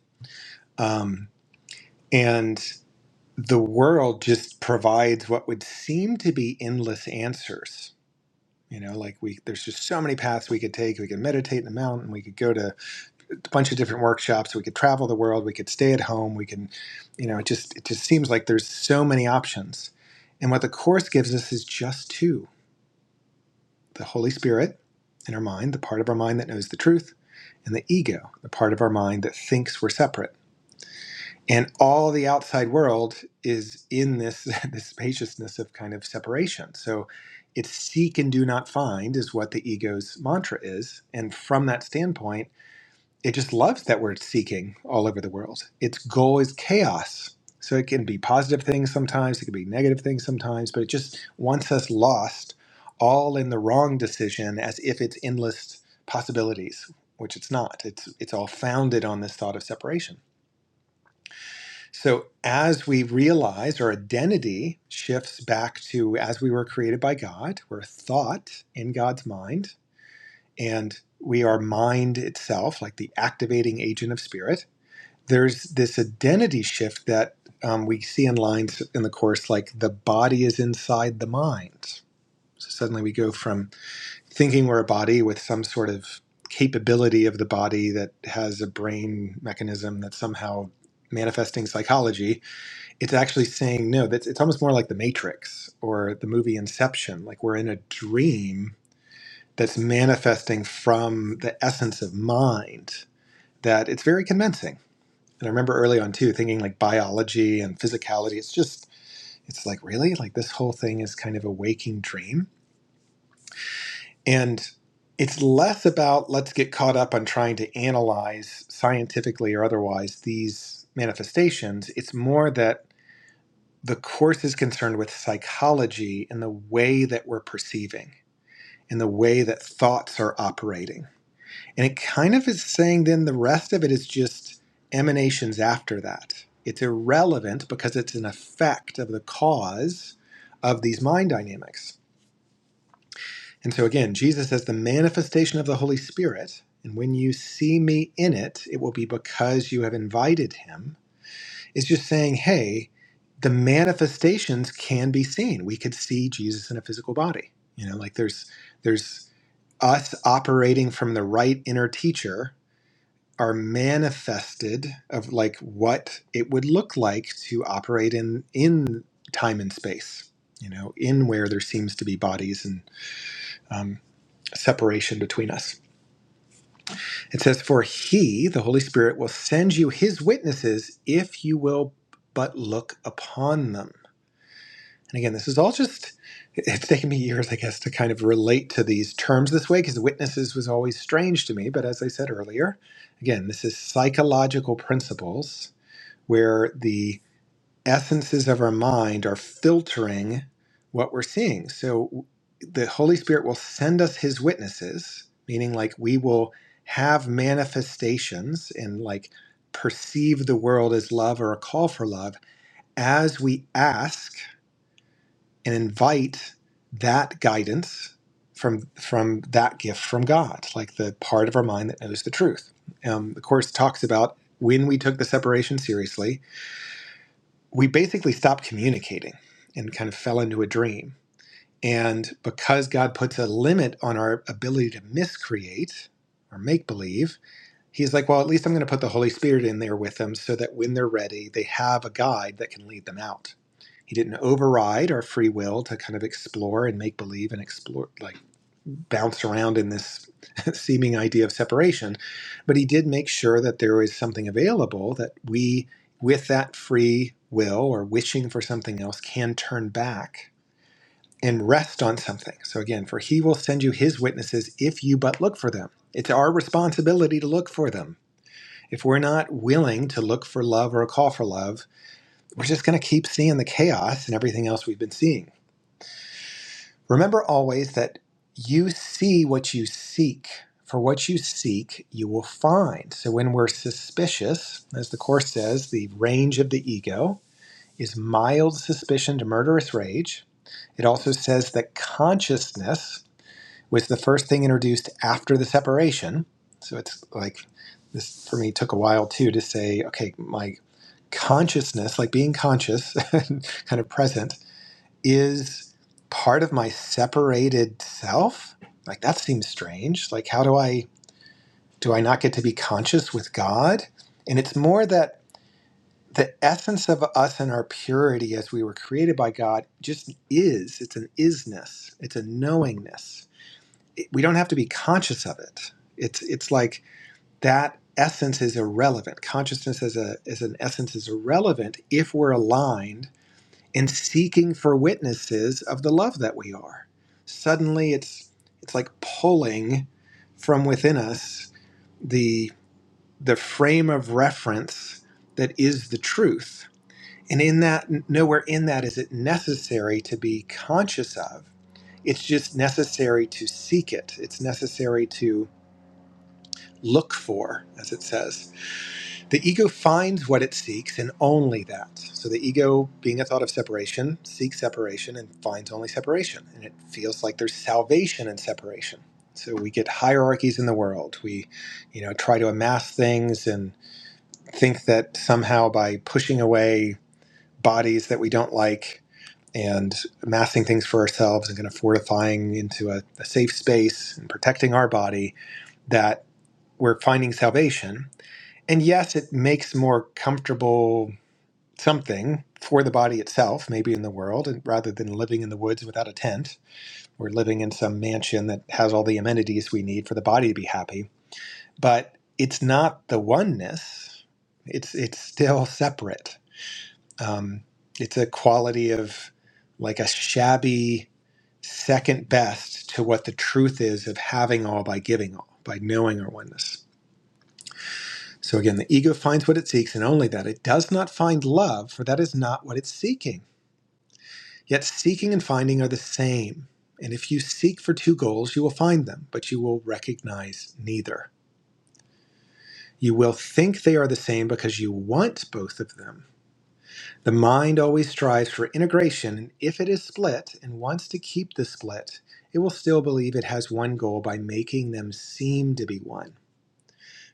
Um, and the world just provides what would seem to be endless answers you know like we there's just so many paths we could take we could meditate in the mountain we could go to a bunch of different workshops we could travel the world we could stay at home we can you know it just it just seems like there's so many options and what the course gives us is just two the holy spirit in our mind the part of our mind that knows the truth and the ego the part of our mind that thinks we're separate and all the outside world is in this [laughs] this spaciousness of kind of separation so it's seek and do not find is what the ego's mantra is and from that standpoint it just loves that we're seeking all over the world its goal is chaos so it can be positive things sometimes it can be negative things sometimes but it just wants us lost all in the wrong decision as if it's endless possibilities which it's not it's it's all founded on this thought of separation so, as we realize our identity shifts back to as we were created by God, we're thought in God's mind, and we are mind itself, like the activating agent of spirit. There's this identity shift that um, we see in lines in the Course, like the body is inside the mind. So, suddenly we go from thinking we're a body with some sort of capability of the body that has a brain mechanism that's somehow manifesting psychology it's actually saying no that's it's almost more like the matrix or the movie inception like we're in a dream that's manifesting from the essence of mind that it's very convincing and i remember early on too thinking like biology and physicality it's just it's like really like this whole thing is kind of a waking dream and it's less about let's get caught up on trying to analyze scientifically or otherwise these manifestations it's more that the course is concerned with psychology and the way that we're perceiving and the way that thoughts are operating. And it kind of is saying then the rest of it is just emanations after that. It's irrelevant because it's an effect of the cause of these mind dynamics. And so again, Jesus says the manifestation of the Holy Spirit, and when you see me in it, it will be because you have invited him it's just saying, hey, the manifestations can be seen. We could see Jesus in a physical body. You know, like there's there's us operating from the right inner teacher are manifested of like what it would look like to operate in in time and space. You know, in where there seems to be bodies and um, separation between us. It says, For he, the Holy Spirit, will send you his witnesses if you will but look upon them. And again, this is all just, it's taken me years, I guess, to kind of relate to these terms this way because witnesses was always strange to me. But as I said earlier, again, this is psychological principles where the essences of our mind are filtering what we're seeing. So the Holy Spirit will send us his witnesses, meaning like we will have manifestations and like perceive the world as love or a call for love as we ask and invite that guidance from from that gift from God, like the part of our mind that knows the truth. Um, the course talks about when we took the separation seriously, we basically stopped communicating and kind of fell into a dream. And because God puts a limit on our ability to miscreate or make believe, He's like, well, at least I'm going to put the Holy Spirit in there with them so that when they're ready, they have a guide that can lead them out. He didn't override our free will to kind of explore and make believe and explore, like bounce around in this [laughs] seeming idea of separation. But he did make sure that there was something available that we, with that free will or wishing for something else, can turn back and rest on something. So again, for he will send you his witnesses if you but look for them. It's our responsibility to look for them. If we're not willing to look for love or a call for love, we're just going to keep seeing the chaos and everything else we've been seeing. Remember always that you see what you seek. For what you seek, you will find. So when we're suspicious, as the Course says, the range of the ego is mild suspicion to murderous rage. It also says that consciousness was the first thing introduced after the separation. So it's like this for me took a while too to say, okay, my consciousness, like being conscious [laughs] and kind of present, is part of my separated self? Like that seems strange. Like how do I do I not get to be conscious with God? And it's more that the essence of us and our purity as we were created by God just is. It's an isness. It's a knowingness. It- we don't have to be conscious of it. It's it's like that essence is irrelevant. Consciousness as a as an essence is irrelevant if we're aligned in seeking for witnesses of the love that we are. Suddenly it's it's like pulling from within us the the frame of reference that is the truth. And in that nowhere in that is it necessary to be conscious of. It's just necessary to seek it. It's necessary to look for, as it says. The ego finds what it seeks and only that. So the ego, being a thought of separation, seeks separation and finds only separation. And it feels like there's salvation in separation. So we get hierarchies in the world. We, you know, try to amass things and think that somehow by pushing away bodies that we don't like and amassing things for ourselves and kind of fortifying into a, a safe space and protecting our body, that we're finding salvation. And yes, it makes more comfortable something for the body itself, maybe in the world, and rather than living in the woods without a tent or living in some mansion that has all the amenities we need for the body to be happy. But it's not the oneness. It's it's still separate. Um, it's a quality of like a shabby second best to what the truth is of having all by giving all, by knowing our oneness. So again, the ego finds what it seeks and only that. It does not find love, for that is not what it's seeking. Yet seeking and finding are the same. And if you seek for two goals, you will find them, but you will recognize neither. You will think they are the same because you want both of them. The mind always strives for integration, and if it is split and wants to keep the split, it will still believe it has one goal by making them seem to be one.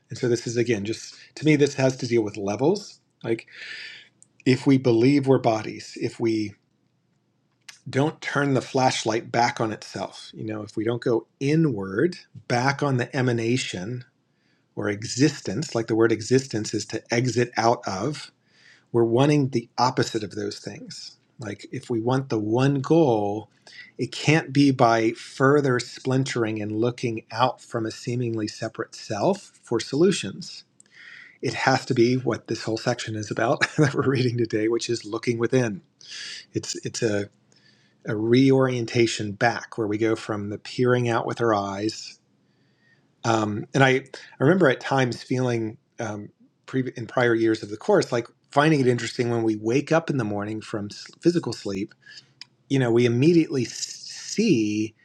And so, this is again just to me, this has to deal with levels. Like, if we believe we're bodies, if we don't turn the flashlight back on itself. You know, if we don't go inward, back on the emanation or existence, like the word existence is to exit out of, we're wanting the opposite of those things. Like, if we want the one goal, it can't be by further splintering and looking out from a seemingly separate self for solutions. It has to be what this whole section is about [laughs] that we're reading today, which is looking within. It's it's a a reorientation back where we go from the peering out with our eyes. Um, and I, I remember at times feeling um, pre- in prior years of the course, like finding it interesting when we wake up in the morning from s- physical sleep, you know, we immediately s- see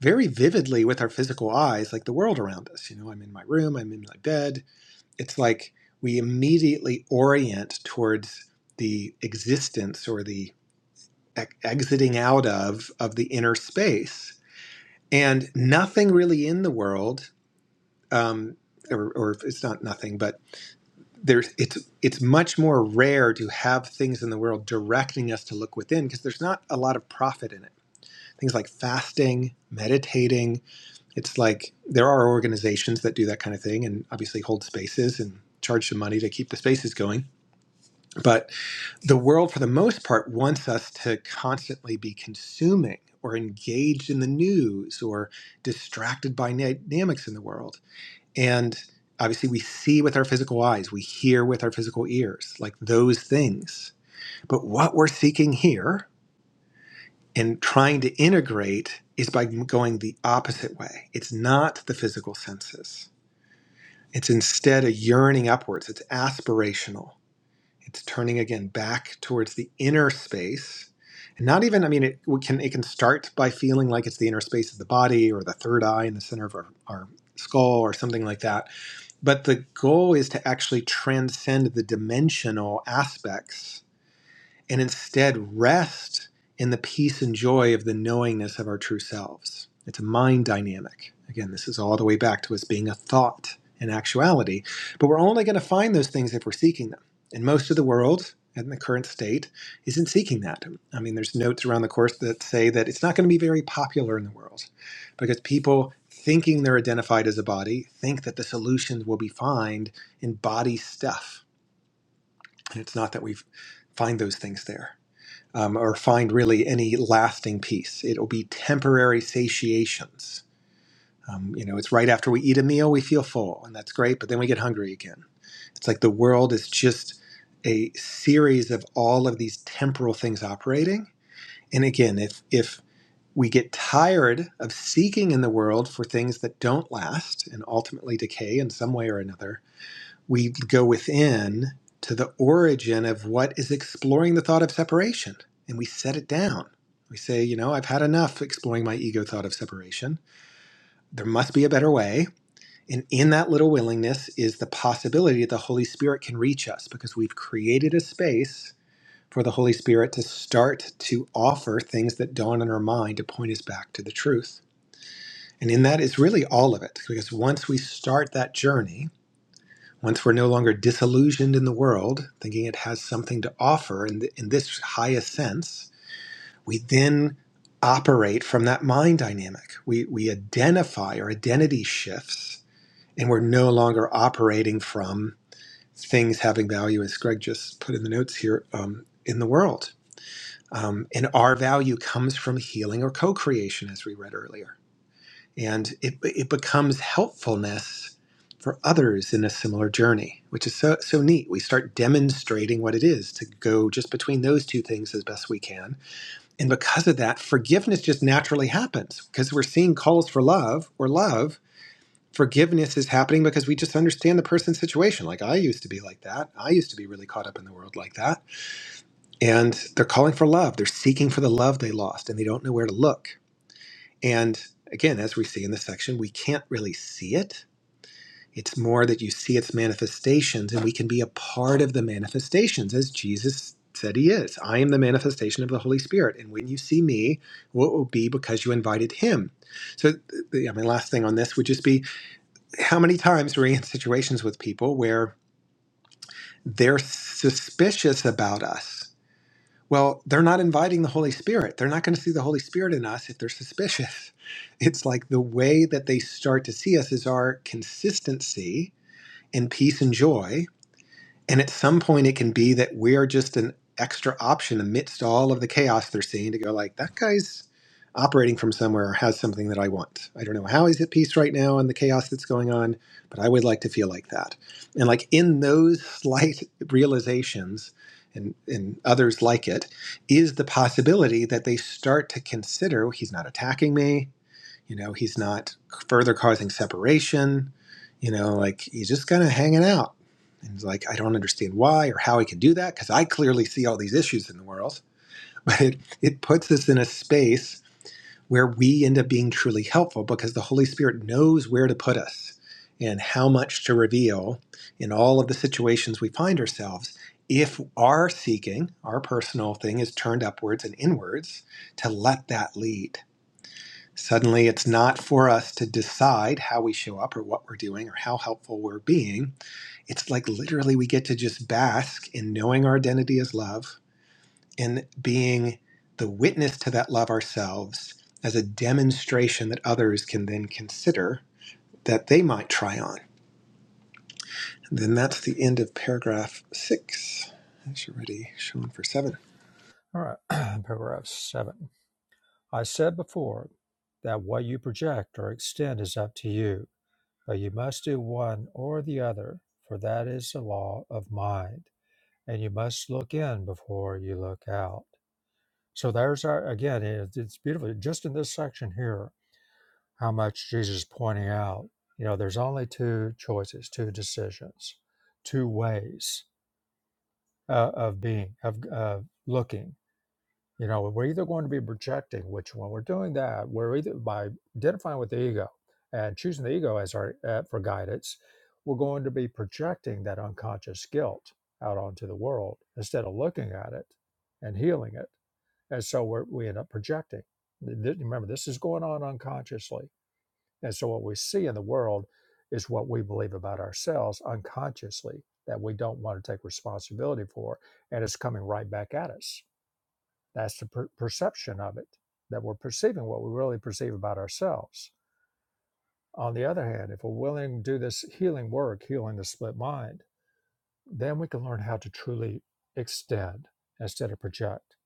very vividly with our physical eyes, like the world around us. You know, I'm in my room, I'm in my bed. It's like we immediately orient towards the existence or the e- exiting out of of the inner space and nothing really in the world um, or, or it's not nothing but there's it's it's much more rare to have things in the world directing us to look within because there's not a lot of profit in it things like fasting meditating it's like there are organizations that do that kind of thing and obviously hold spaces and charge some money to keep the spaces going but the world for the most part wants us to constantly be consuming or engaged in the news or distracted by dynamics in the world and obviously we see with our physical eyes we hear with our physical ears like those things but what we're seeking here and trying to integrate is by going the opposite way it's not the physical senses it's instead a yearning upwards it's aspirational it's turning again back towards the inner space. And not even, I mean, it can it can start by feeling like it's the inner space of the body or the third eye in the center of our, our skull or something like that. But the goal is to actually transcend the dimensional aspects and instead rest in the peace and joy of the knowingness of our true selves. It's a mind dynamic. Again, this is all the way back to us being a thought in actuality, but we're only going to find those things if we're seeking them. And most of the world in the current state isn't seeking that. I mean, there's notes around the course that say that it's not going to be very popular in the world because people thinking they're identified as a body think that the solutions will be found in body stuff. And it's not that we find those things there um, or find really any lasting peace. It'll be temporary satiations. Um, you know, it's right after we eat a meal, we feel full, and that's great, but then we get hungry again. It's like the world is just a series of all of these temporal things operating. And again, if, if we get tired of seeking in the world for things that don't last and ultimately decay in some way or another, we go within to the origin of what is exploring the thought of separation and we set it down. We say, you know, I've had enough exploring my ego thought of separation. There must be a better way. And in that little willingness is the possibility that the Holy Spirit can reach us because we've created a space for the Holy Spirit to start to offer things that dawn in our mind to point us back to the truth. And in that is really all of it because once we start that journey, once we're no longer disillusioned in the world, thinking it has something to offer in, th- in this highest sense, we then operate from that mind dynamic. We, we identify our identity shifts, and we're no longer operating from things having value, as Greg just put in the notes here, um, in the world. Um, and our value comes from healing or co creation, as we read earlier and it it becomes helpfulness for others in a similar journey, which is so so neat. We start demonstrating what it is to go just between those two things as best we can, and because of that, forgiveness just naturally happens because we're seeing calls for love or love. Forgiveness is happening because we just understand the person's situation. Like I used to be like that. I used to be really caught up in the world like that. And they're calling for love. They're seeking for the love they lost and they don't know where to look and again, as we see in this section, we can't really see it. It's more that you see its manifestations, and we can be a part of the manifestations as Jesus said he is. I am the manifestation of the Holy Spirit. And when you see me, well, it will be because you invited him. So, the, I mean, last thing on this would just be how many times are we in situations with people where they're suspicious about us well, they're not inviting the Holy Spirit. They're not going to see the Holy Spirit in us if they're suspicious. [laughs] It's like the way that they start to see us is our consistency in peace and joy and at some point, it can be that we're just an extra option amidst all of the chaos they're seeing to go like, that guy's operating from somewhere or has something that I want. I don't know how he's at peace right now in the chaos that's going on, but I would like to feel like that. And like in those slight realizations and, and others like it is the possibility that they start to consider "Well, he's not attacking me you know, he's not further causing separation. You know, like he's just kind of hanging out. And it's like, I don't understand why or how he can do that because I clearly see all these issues in the world. [laughs] But it, it puts us in a space where we end up being truly helpful because the Holy Spirit knows where to put us and how much to reveal in all of the situations we find ourselves if our seeking, our personal thing, is turned upwards and inwards to let that lead Suddenly, it's not for us to decide how we show up or what we're doing or how helpful we're being. It's like literally we get to just bask in knowing our identity as love and being the witness to that love ourselves as a demonstration that others can then consider that they might try on. And then that's the end of paragraph six. It's already showing for seven. All right, [clears throat] paragraph seven. I said before that what you project or extend is up to you But you must do one or the other, for that is the law of mind. And you must look in before you look out. So there's our, again, it- it's beautiful. Just in this section here, how much Jesus is pointing out, you know, there's only two choices, two decisions, two ways uh, of being, of, of looking You know, we're either going to be projecting, which when we're doing that, we're either by identifying with the ego and choosing the ego as our uh, for guidance, we're going to be projecting that unconscious guilt out onto the world instead of looking at it and healing it. And so we're, we end up projecting. Th- th- Remember, this is going on unconsciously. And so what we see in the world is what we believe about ourselves unconsciously that we don't want to take responsibility for, and it's coming right back at us that's the per- perception of it, that we're perceiving what we really perceive about ourselves. On the other hand, if we're willing to do this healing work, healing the split mind, then we can learn how to truly extend instead of project.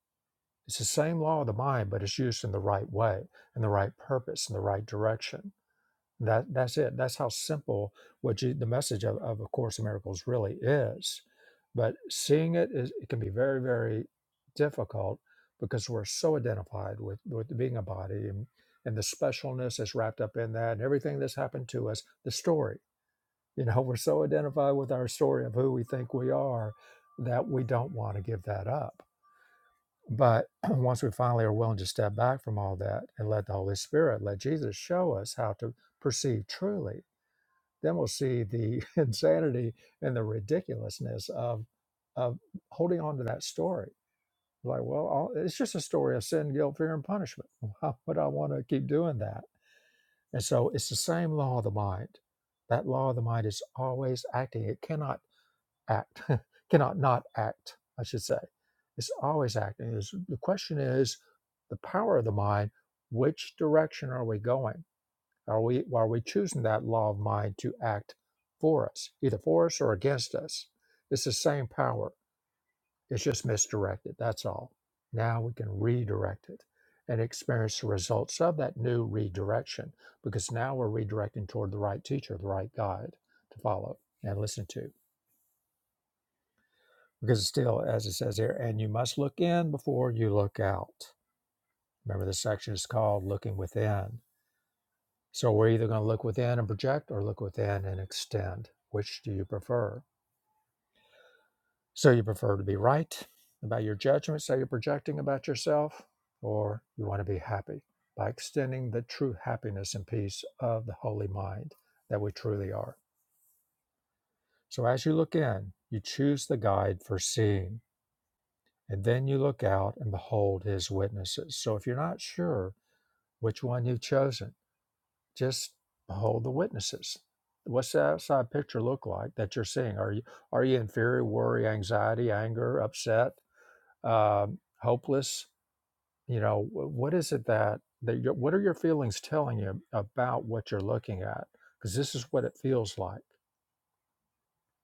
It's the same law of the mind, but it's used in the right way, in the right purpose, in the right direction. That that's it. That's how simple what you, the message of, of A Course in Miracles really is. But seeing it is it can be very very difficult because we're so identified with with being a body and and the specialness that's wrapped up in that and everything that's happened to us. The story, you know, [laughs] we're so identified with our story of who we think we are that we don't want to give that up. But [clears throat] once we finally are willing to step back from all that and let the Holy Spirit, let Jesus show us how to perceive truly then we'll see the [laughs] insanity and the ridiculousness of of holding on to that story. Like, well, all, it's just a story of sin, guilt, fear, and punishment. [laughs] Why would I want to keep doing that? And so it's the same law of the mind. That law of the mind is always acting. It cannot act, [laughs] cannot not act, I should say. It's always acting. It's- the question is the power of the mind, which direction are we going? Are we are we choosing that law of mind to act for us, either for us or against us? It's the same power. It's just misdirected. That's all. Now we can redirect it and experience the results of that new redirection because now we're redirecting toward the right teacher, the right guide to follow and listen to. Because it's still, as it says here, and you must look in before you look out. Remember, this section is called Looking Within So we're either going to look within and project or look within and extend. Which do you prefer? So you prefer to be right about your judgments that you're projecting about yourself, or you want to be happy by extending the true happiness and peace of the holy mind that we truly are. So as you look in, you choose the guide for seeing, and then you look out and behold his witnesses. So if you're not sure which one you've chosen, just hold the witnesses. What's the outside picture look like that you're seeing? Are you are you in fear, worry, anxiety, anger, upset, um, hopeless? You know, what is it that that you what are your feelings telling you about what you're looking at? Because this is what it feels like,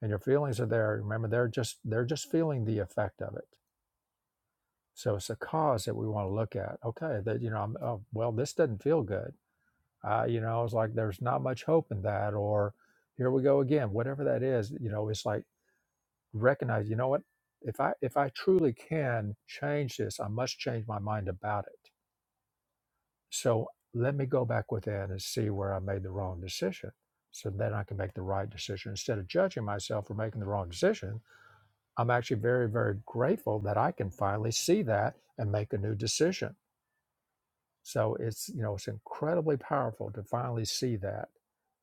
and your feelings are there. Remember, they're just they're just feeling the effect of it. So it's the cause that we want to look at. Okay, that you know, I'm, oh, well, this doesn't feel good I, you know, I was like, there's not much hope in that, or here we go again, whatever that is, you know, it's like recognize, you know what, if I if I truly can change this, I must change my mind about it. So let me go back within and see where I made the wrong decision. So then I can make the right decision. Instead of judging myself for making the wrong decision, I'm actually very, very grateful that I can finally see that and make a new decision So it's you know it's incredibly powerful to finally see that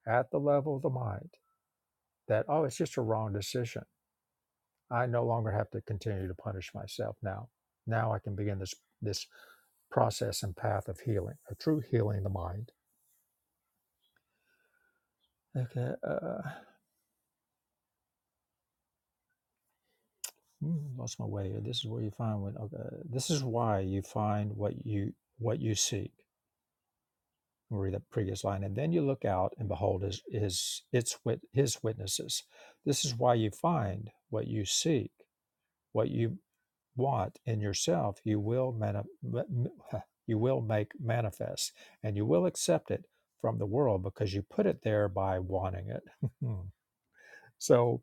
at the level of the mind that oh it's just a wrong decision. I no longer have to continue to punish myself now. Now I can begin this this process and path of healing, a true healing of the mind. Okay, uh, hmm, lost my way. here. This is where you find when. Okay, this is why you find what you what you seek. We'll read that previous line. And then you look out and behold his, his, its wit, his witnesses. This is why you find what you seek, what you want in yourself, you will, mani- you will make manifest and you will accept it from the world because you put it there by wanting it. [laughs] so,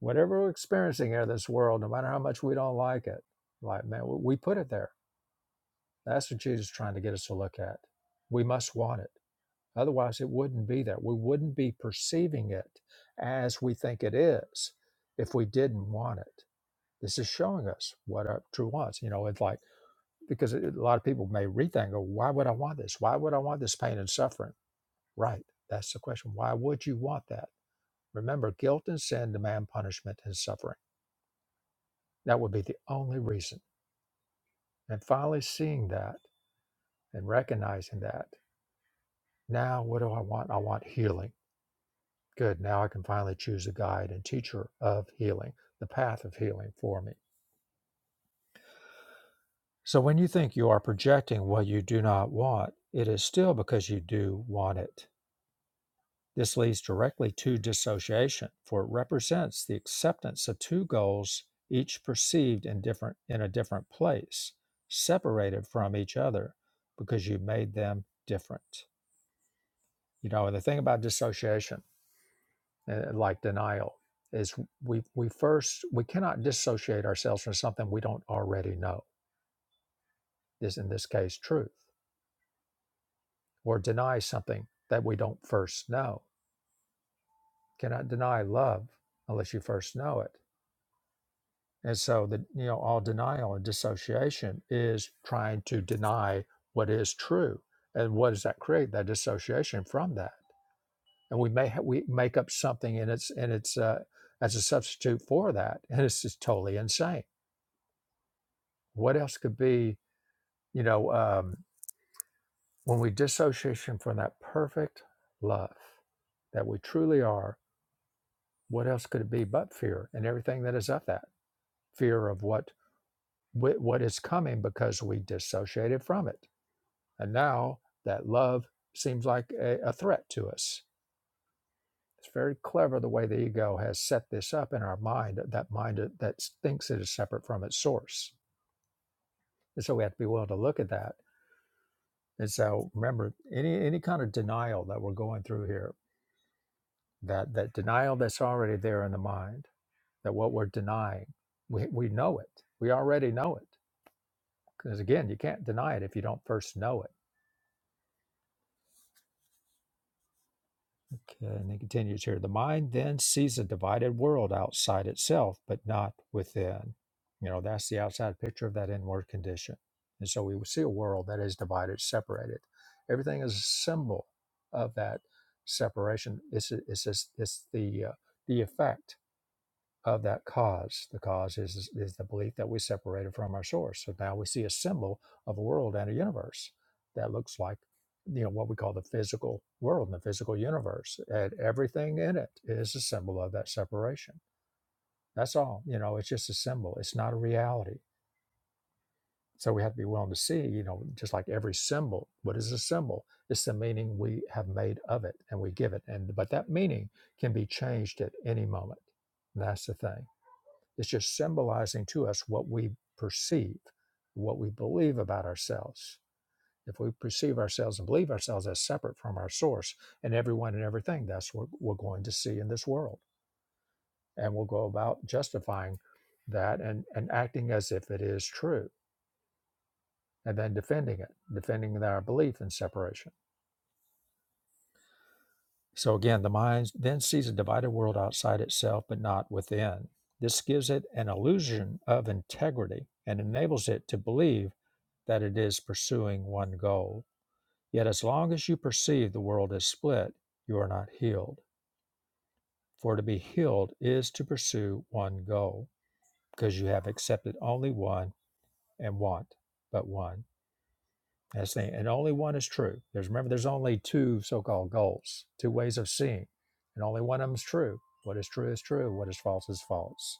whatever we're experiencing here in this world, no matter how much we don't like it, like, man, we put it there. That's what Jesus is trying to get us to look at. We must want it Otherwise, it wouldn't be there. We wouldn't be perceiving it as we think it is if we didn't want it. This is showing us what our true wants. You know, it's like, because it, a lot of people may read that and go, why would I want this? Why would I want this pain and suffering? Right. That's the question. Why would you want that? Remember, guilt and sin demand punishment and suffering. That would be the only reason. And finally, seeing that and recognizing that, now what do I want? I want healing. Good. Now I can finally choose a guide and teacher of healing, the path of healing for me. So when you think you are projecting what you do not want, it is still because you do want it. This leads directly to dissociation, for it represents the acceptance of two goals, each perceived in different in a different place, separated from each other, because you made them different. You know, and the thing about dissociation uh, like denial is we we first we cannot dissociate ourselves from something we don't already know this in this case truth or deny something that we don't first know cannot deny love unless you first know it and so the you know all denial and dissociation is trying to deny what is true and what does that create that dissociation from that and we may ha- we make up something and it's and it's uh, as a substitute for that and it's just totally insane what else could be You know, um, when we dissociation from that perfect love that we truly are, what else could it be but fear and everything that is of that fear of what wh- what is coming because we dissociated from it, and now that love seems like a, a threat to us. It's very clever the way the ego has set this up in our mind, that mind that thinks it is separate from its source, and so we have to be willing to look at that and so remember, any any kind of denial that we're going through here that that denial that's already there in the mind that what we're denying we, we know it we already know it because again you can't deny it if you don't first know it okay, and he continues here the mind then sees a divided world outside itself but not within you know that's the outside picture of that inward condition and so we see a world that is divided separated everything is a symbol of that separation it's it's it's, it's the uh, the effect of that cause. The cause is, is the belief that we separated from our source. So now we see a symbol of a world and a universe that looks like, you know, what we call the physical world and the physical universe. And everything in it is a symbol of that separation. That's all. You know, it's just a symbol. It's not a reality. So we have to be willing to see, you know, just like every symbol, what is a symbol? It's the meaning we have made of it and we give it. And but that meaning can be changed at any moment. And that's the thing. It's just symbolizing to us what we perceive, what we believe about ourselves. If we perceive ourselves and believe ourselves as separate from our source and everyone and everything, that's what we're going to see in this world. And we'll go about justifying that and, and acting as if it is true and then defending it, defending our belief in separation. So again, the mind then sees a divided world outside itself, but not within. This gives it an illusion of integrity and enables it to believe that it is pursuing one goal. Yet, as long as you perceive the world as split, you are not healed. For to be healed is to pursue one goal, because you have accepted only one and want but one. That's the thing. and only one is true. There's remember, there's only two so-called goals, two ways of seeing, and only one of them is true. What is true is true. What is false is false.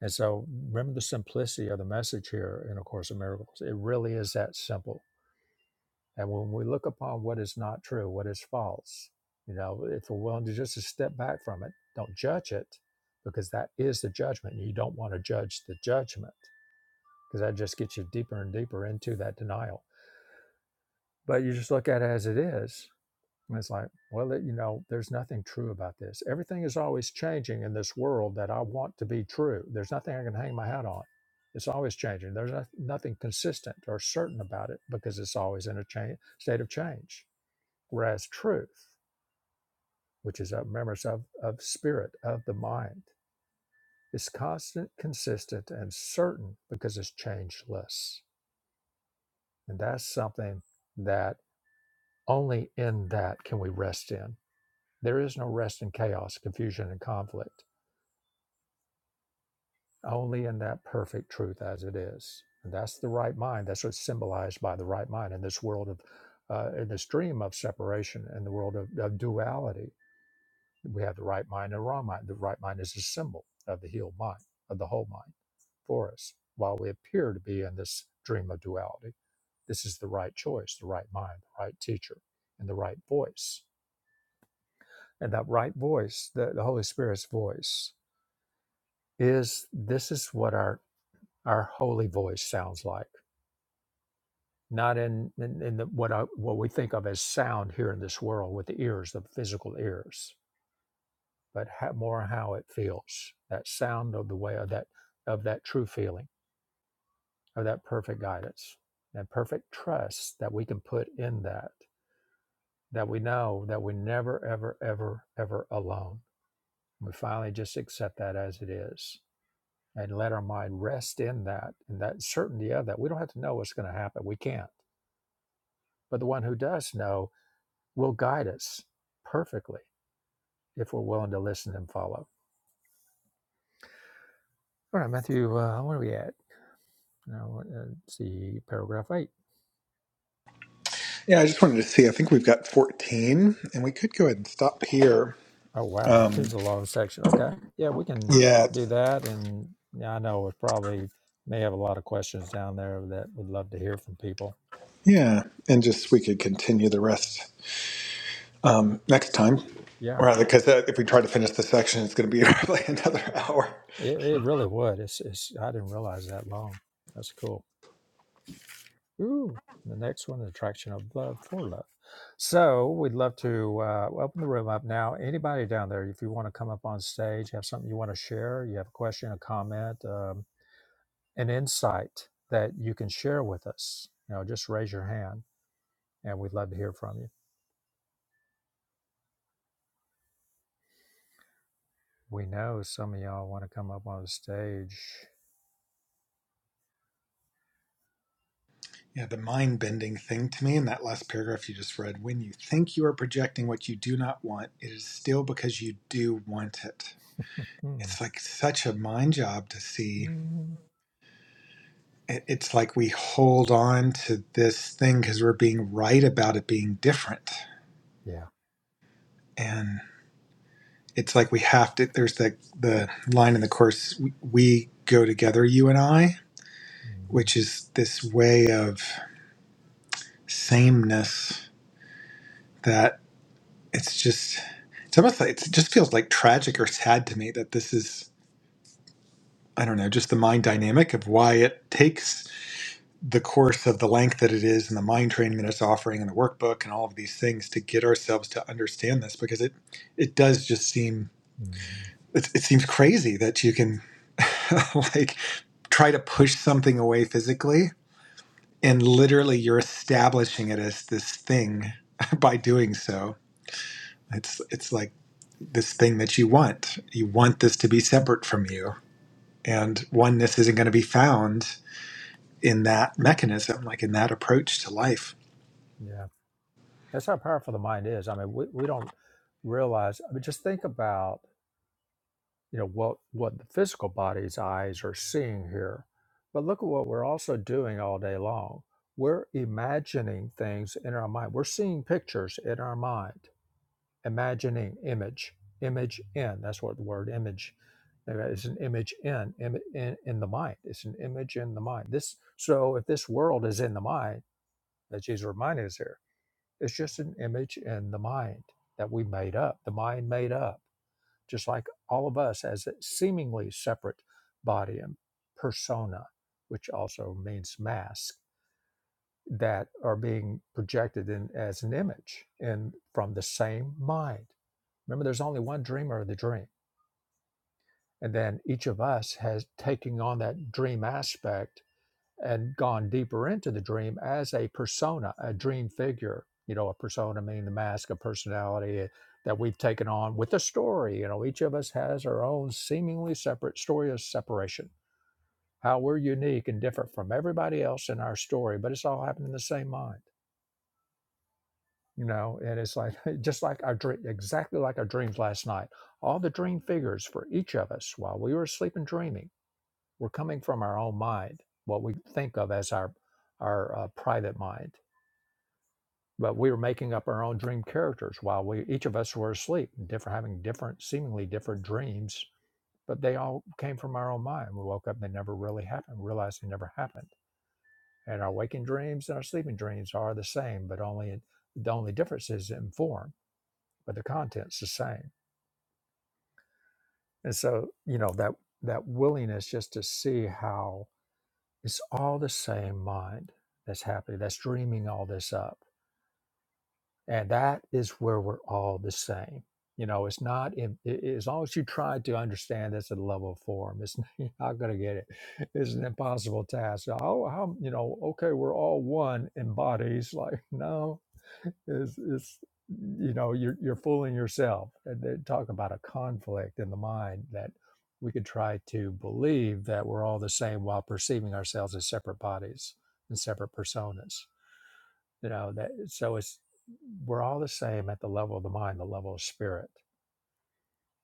And so, remember the simplicity of the message here in A Course in Miracles. It really is that simple. And when we look upon what is not true, what is false, you know, if we're willing to just to step back from it, don't judge it, because that is the judgment. You don't want to judge the judgment, because that just gets you deeper and deeper into that denial. But you just look at it as it is, And it's like, well, you know, there's nothing true about this. Everything is always changing in this world that I want to be true. There's nothing I can hang my hat on. It's always changing. There's no, nothing consistent or certain about it because it's always in a change, state of change. Whereas truth, which is a remembrance of, of spirit, of the mind, is constant, consistent, and certain because it's changeless. And that's something that only in that can we rest in There is no rest in chaos, confusion, and conflict, only in that perfect truth as it is. And that's the right mind. That's what's symbolized by the right mind in this world of, uh, in this dream of separation, in the world of, of duality. We have the right mind and the wrong mind. The right mind is a symbol of the healed mind, of the whole mind for us. While we appear to be in this dream of duality, this is the right choice, the right mind, the right teacher, and the right voice. And that right voice, the, the Holy Spirit's voice, is this is what our our holy voice sounds like not in in, in the, what I, what we think of as sound here in this world with the ears the physical ears but how, more how it feels that sound of the way of that of that true feeling of that perfect guidance that perfect trust that we can put in that that we know that we never ever ever ever alone we finally just accept that as it is and let our mind rest in that, in that certainty of that. We don't have to know what's going to happen. We can't. But the one who does know will guide us perfectly if we're willing to listen and follow. All right, Matthew, uh, where are we at? Now, uh, let's see, paragraph eight. Yeah, I just wanted to see. I think we've got 14, and we could go ahead and stop here. Oh, wow. [laughs] Here's Um, a long section. Okay. Yeah, we can yeah, do that. And yeah, I know it probably may have a lot of questions down there that we'd love to hear from people. Yeah, and just we could continue the rest um, next time, Yeah, rather because if we try to finish the section, it's going to be [laughs] probably another hour. it, it really would. It's, it's, I didn't realize that long. That's cool. Ooh, the next one, the attraction of love for love. So we'd love to uh, open the room up now. Anybody down there, if you want to come up on stage, have something you want to share, you have a question, a comment, um, an insight that you can share with us, you know, just raise your hand and we'd love to hear from you. We know some of y'all want to come up on the stage. Yeah, the mind bending thing to me in that last paragraph you just read when you think you are projecting what you do not want, it is still because you do want it. Mm, It's like such a mind job to see. mm, It- It's like we hold on to this thing because we're being right about it being different. yeah. it's like we have to there's the the line in the course we, we go together you and i hmm which is this way of sameness that it's just it's almost like it just feels like tragic or sad to me that this is i don't know just the mind dynamic of why it takes the course of the length that it is and the mind training that it's offering and the workbook and all of these things to get ourselves to understand this because it it does just seem hmm it, it seems crazy that you can [laughs] like try to push something away physically and literally you're establishing it as this thing [laughs] by doing so it's it's like this thing that you want you want this to be separate from you and oneness isn't going to be found in that mechanism like in that approach to life yeah. That's how powerful the mind is. I mean, we, we don't realize, I mean, just think about you know what what the physical body's eyes are seeing here but look at what we're also doing all day long we're imagining things in our mind we're seeing pictures in our mind imagining image image in that's what the word image uh, is an image in, in in in the mind it's an image in the mind this so if this world is in the mind that jesus reminded us here it's just an image in the mind that we made up the mind made up just like all of us as a seemingly separate body and persona, which also means mask, that are being projected in as an image and from the same mind. Remember, there's only one dreamer of the dream. And then each of us has taking on that dream aspect and gone deeper into the dream as a persona, a dream figure. You know, a persona meaning the mask of personality that we've taken on with a story. You know, each of us has our own seemingly separate story of separation, how we're unique and different from everybody else in our story, but it's all happening in the same mind. You know, and it's like [laughs] just like our dream, exactly like our dreams last night. All the dream figures for each of us while we were asleep and dreaming we're coming from our own mind, what we think of as our our uh, private mind. But we were making up our own dream characters while we each of us were asleep, different having different, seemingly different dreams. But they all came from our own mind. We woke up; and they never really happened. Realized they never happened. And our waking dreams and our sleeping dreams are the same, but only in, the only difference is in form, but the content's the same. And so, you know that that willingness just to see how It's all the same mind that's happy, that's dreaming all this up and that is where we're all the same you know it's not in, i- as long as you try to understand this at a level of form it's [laughs] you're not going to get it it's an impossible task oh how you know okay we're all one in bodies [laughs] like no it's, it's you know you're, you're fooling yourself and they talk about a conflict in the mind that we could try to believe that we're all the same while perceiving ourselves as separate bodies and separate personas you know that so it's we're all the same at the level of the mind the level of spirit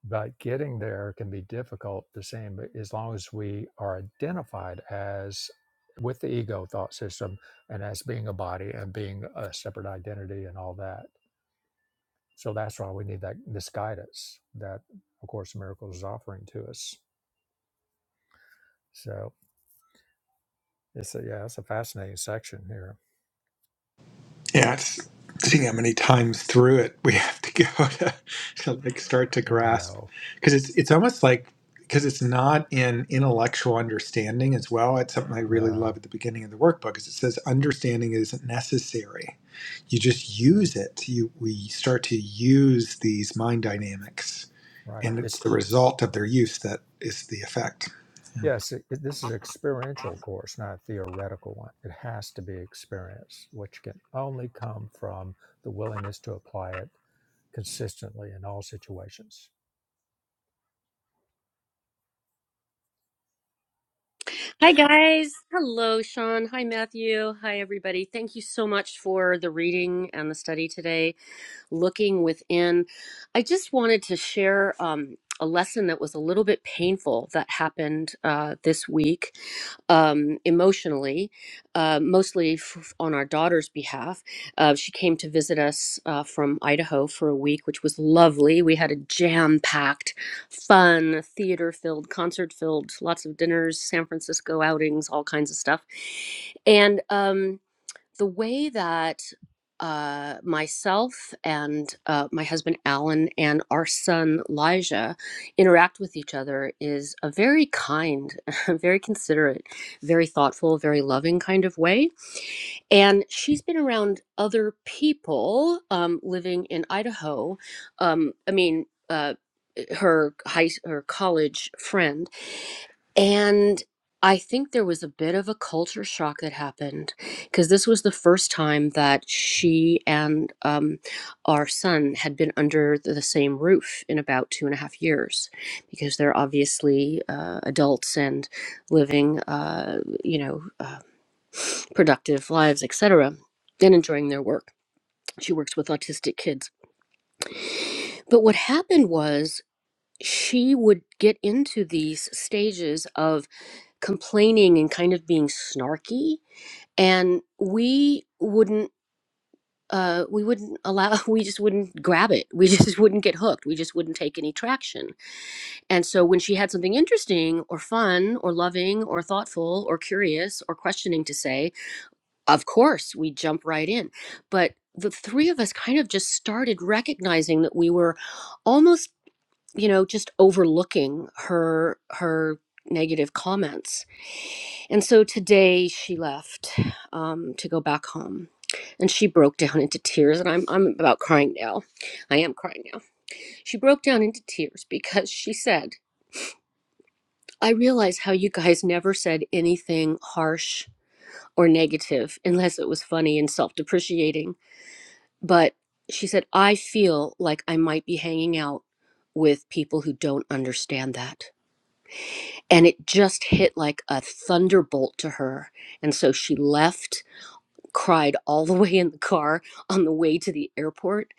but getting there can be difficult the same but as long as we are identified as with the ego thought system and as being a body and being a separate identity and all that so that's why we need that this guidance that of course in miracles is offering to us so it's a yeah it's a fascinating section here Yeah, it's seeing how many times through it we [laughs] have to go [laughs] to, to like start to i grasp know because it's it's almost like because it's not in intellectual understanding as well. It's something I really love no at the beginning of the workbook is it says understanding isn't necessary. You just yeah use it. You we start to use these mind dynamics right and it's It's. the result of their use that is the effect. Yes, it, it- this is an experiential course, not a theoretical one. It has to be experienced, which can only come from the willingness to apply it consistently in all situations. Hi, guys. Hello, Sean. Hi, Matthew. Hi, everybody. Thank you so much for the reading and the study today looking within. I just wanted to share um, a lesson that was a little bit painful that happened uh, this week um, emotionally, uh, mostly f- on our daughter's behalf. Uh, she came to visit us uh, from Idaho for a week, which was lovely. We had a jam packed, fun, theater filled, concert filled, lots of dinners, San Francisco outings, all kinds of stuff. And, um, the way that uh, myself and uh, my husband Alan and our son Elijah interact with each other is a very kind, [laughs] very considerate, very thoughtful, very loving kind of way. And she's been around other people um, living in Idaho. Um, I mean, uh, her high, her college friend and I think there was a bit of a culture shock that happened because this was the first time that she and um, our son had been under the same roof in about two and a half years because they're obviously uh, adults and living, uh, you know, uh, productive lives, etc., and enjoying their work. She works with autistic kids. But what happened was she would get into these stages of. complaining and kind of being snarky and we wouldn't uh, we wouldn't allow [laughs] we just wouldn't grab it we just [laughs] wouldn't get hooked we just wouldn't take any traction and so when she had something interesting or fun or loving or thoughtful or curious or questioning to say of course we jump right in but the three of us kind of just started recognizing that we were almost you know just overlooking her her negative comments And so today she left um, to go back home. And she broke down into tears, and I'm, I'm about crying now. I am crying now. She broke down into tears because she said, I realize how you guys never said anything harsh or negative unless it was funny and self depreciating. But she said, I feel like I might be hanging out with people who don't understand that. And it just hit like a thunderbolt to her. And so she left cried all the [laughs] way in the car on the way to the airport.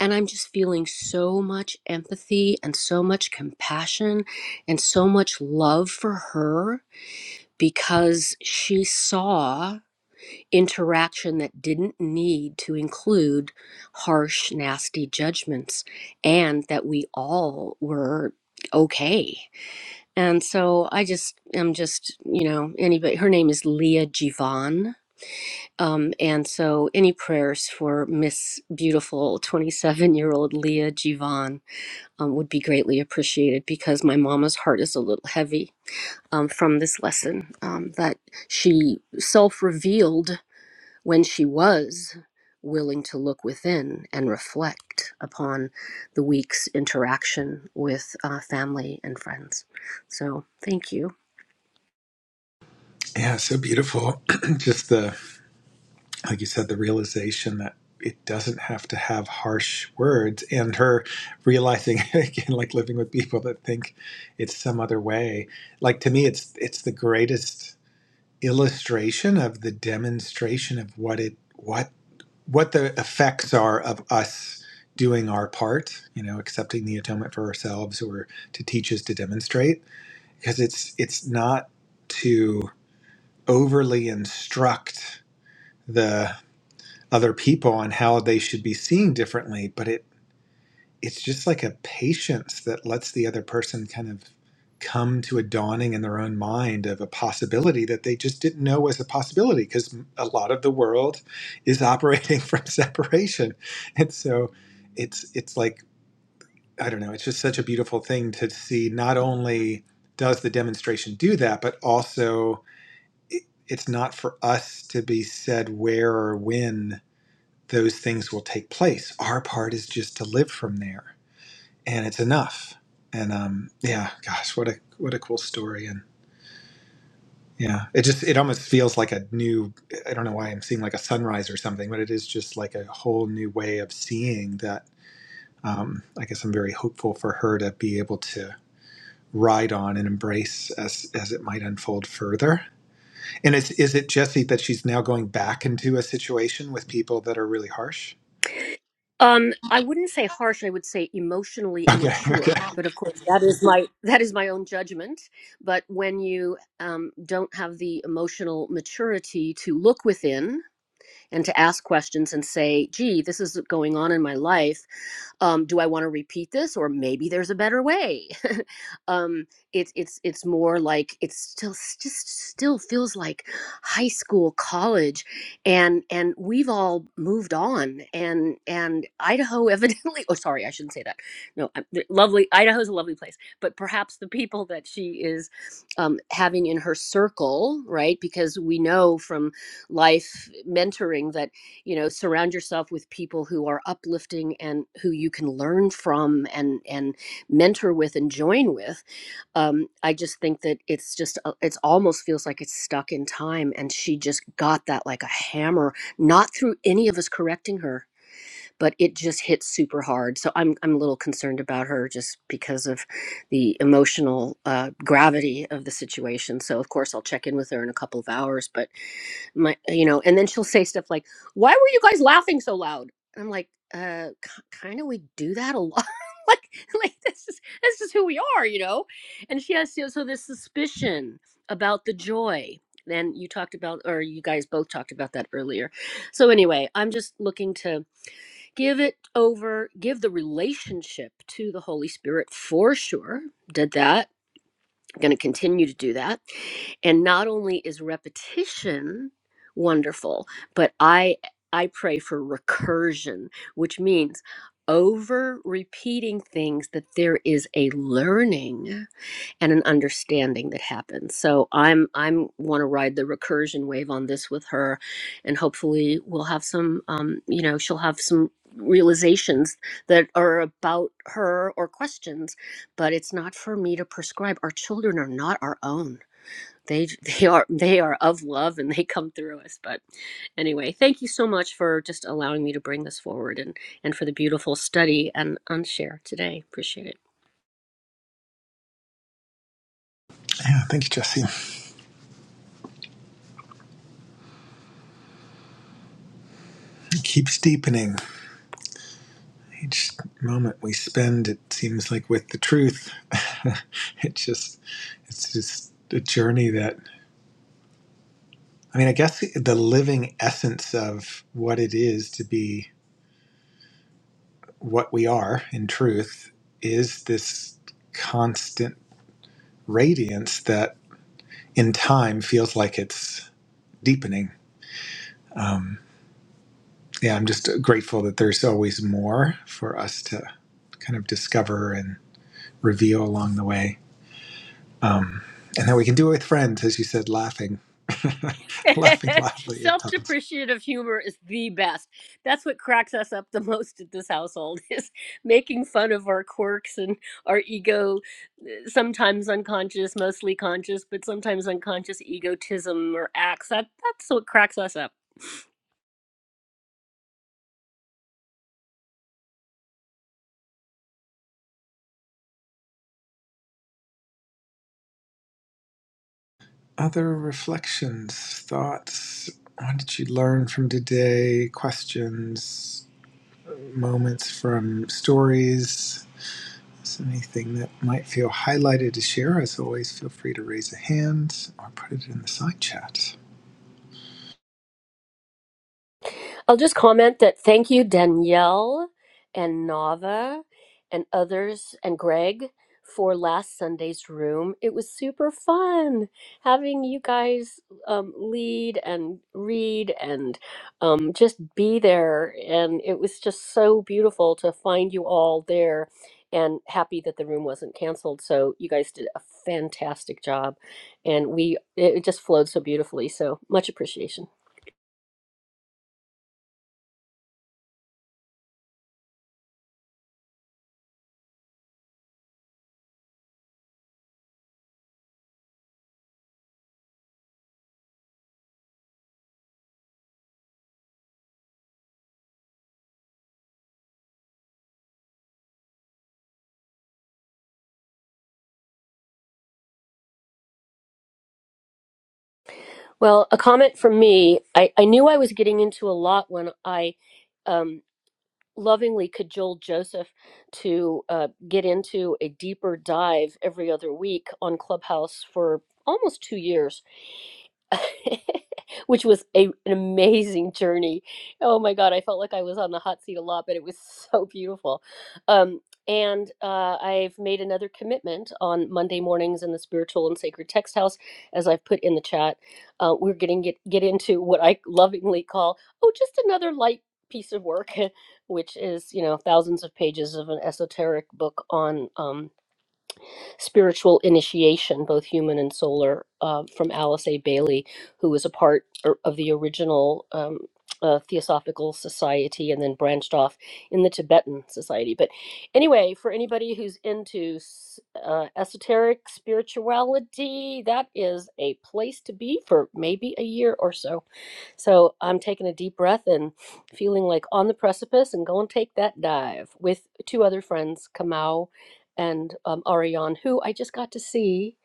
And I'm just feeling so much empathy and so much compassion and so much love for her because she saw interaction that didn't need to include harsh, nasty judgments and that we all were okay. And so I just am just, you know, anybody her name is Leah Jivan um, and so, any prayers for Miss Beautiful 27 year old Leah Jivan um, would be greatly appreciated because my mama's heart is a little heavy um, from this lesson um, that she self revealed when she was willing to look within and reflect upon the week's interaction with uh, family and friends. So, thank you. Yeah, so beautiful. [clears throat] just the like you said, the realization that it doesn't have to have harsh words, and her realizing [laughs] again, like living with people that think it's some other way. Like to me, it's it's the greatest illustration of the demonstration of what it what what the effects are of us doing our part, you know, accepting the atonement for ourselves or to teach us to demonstrate. Because it's it's not to overly instruct the other people and how they should be seeing differently but it it's just like a patience that lets the other person kind of come to a dawning in their own mind of a possibility that they just didn't know was a possibility because a lot of the world is operating [laughs] from separation and so it's it's like i don't know it's just such a beautiful thing to see not only does the demonstration do that but also it, it's not for us to be said where or when those things will take place. Our part is just to live from there, and it's enough. And um, yeah, gosh, what a what a cool story. And yeah, it just it almost feels like a new. I don't know why I'm seeing like a sunrise or something, but it is just like a whole new way of seeing that. Um, I guess I'm very hopeful for her to be able to ride on and embrace as as it might unfold further. And is is it Jesse that she's now going back into a situation with people that are really harsh? Um, I wouldn't say harsh. I would say emotionally Okay, okay. immature. But of course, that is my [laughs] that is my own judgment. But when you um, don't have the emotional maturity to look within and to ask questions and say, gee, this is going on in my life. Um, do I want to repeat this? Or maybe there's a better way. [laughs] um, it's it's it's more like it's still just still feels like high school, college, and and we've all moved on. And and Idaho evidently, [laughs] oh sorry, I shouldn't say that. No, I'm, th- lovely Idaho's a lovely place, but perhaps the people that she is um, having in her circle, right? Because we know from life mentoring that you know surround yourself with people who are uplifting and who you can learn from and and mentor with and join with um i just think that it's just uh, it's almost feels like it's stuck in time and she just got that like a hammer not through any of us correcting her but it just hit super hard so i'm i'm a little concerned about her just because of the emotional uh, gravity of the situation so of course i'll check in with her in a couple of hours but my you know and then she'll say stuff like why were you guys laughing so loud and i'm like uh kind of we do that a lot [laughs] like like this is this is who we are you know and she has so so this suspicion about the joy Then you talked about or you guys both talked about that earlier so anyway i'm just looking to give it over give the relationship to the holy spirit for sure did that going to continue to do that. And not only is repetition wonderful, but I I pray for recursion, which means over repeating things that there is a learning and an understanding that happens. So I'm I'm want to ride the recursion wave on this with her, and hopefully we'll have some um, you know she'll have some realizations that are about her or questions, but it's not for me to prescribe. Our children are not our own. They [laughs] they are they are of love and they come through us. But anyway, thank you so much for just allowing me to bring this forward and and for the beautiful study and unshare today. Appreciate it. Yeah, thank you, Jesse. It keeps deepening. Each moment we spend, it seems like with the truth. [laughs] it just, it's just a journey that, I mean, I guess the living essence of what it is to be what we are in truth is this constant radiance that in time feels like it's deepening. Um, yeah, I'm just grateful that there's always more for us to kind of discover and reveal along the way. Um, and then we can do it with friends, as you said, laughing, [laughs] [laughs] laughing loudly at times. Self-depreciative humor is the best. That's what cracks us up the [laughs] most at this household [laughs] is making fun of our quirks and our ego, uh, sometimes unconscious, mostly conscious, but sometimes unconscious egotism or acts. That that's what cracks us up. Other reflections, thoughts. What did you learn from today? Questions, moments from stories. So anything that might feel highlighted to share, as always, feel free to raise a hand or put it in the side chat. I'll just comment that thank you, Danielle and Nava and others and Greg for last Sunday's room. It was super fun having you guys um, lead and read and um, just be there. And it was just so beautiful to find you all there and happy that the room wasn't canceled. So you guys did a fantastic job and we, it it just flowed so beautifully. So much appreciation. Well, a comment from me. I, I knew I was getting into a lot when I um, lovingly cajoled Joseph to uh, get into a deeper dive every other week on Clubhouse for almost two years [laughs] which was a, an amazing journey. Oh my God, I felt like I was on the hot seat a lot, but it was [laughs] so beautiful. Um, and uh, I've made another commitment on Monday mornings in the Spiritual and Sacred Text House, as I've put in the chat. Uh, we're getting get, get into what I lovingly call oh, just another light piece of work, [laughs] which is you know thousands of pages of an esoteric book on um, spiritual initiation, both human and solar, uh, from Alice A. Bailey, who was a part or- of the original um, uh, Theosophical Society and then branched off in the Tibetan Society. But anyway, for anybody who's into s- uh, esoteric spirituality, that is a place to be for maybe a year or so. So I'm taking a deep breath and feeling like on the precipice and go and take that dive with two other friends, Kamau and um, Ariane, who I just got to see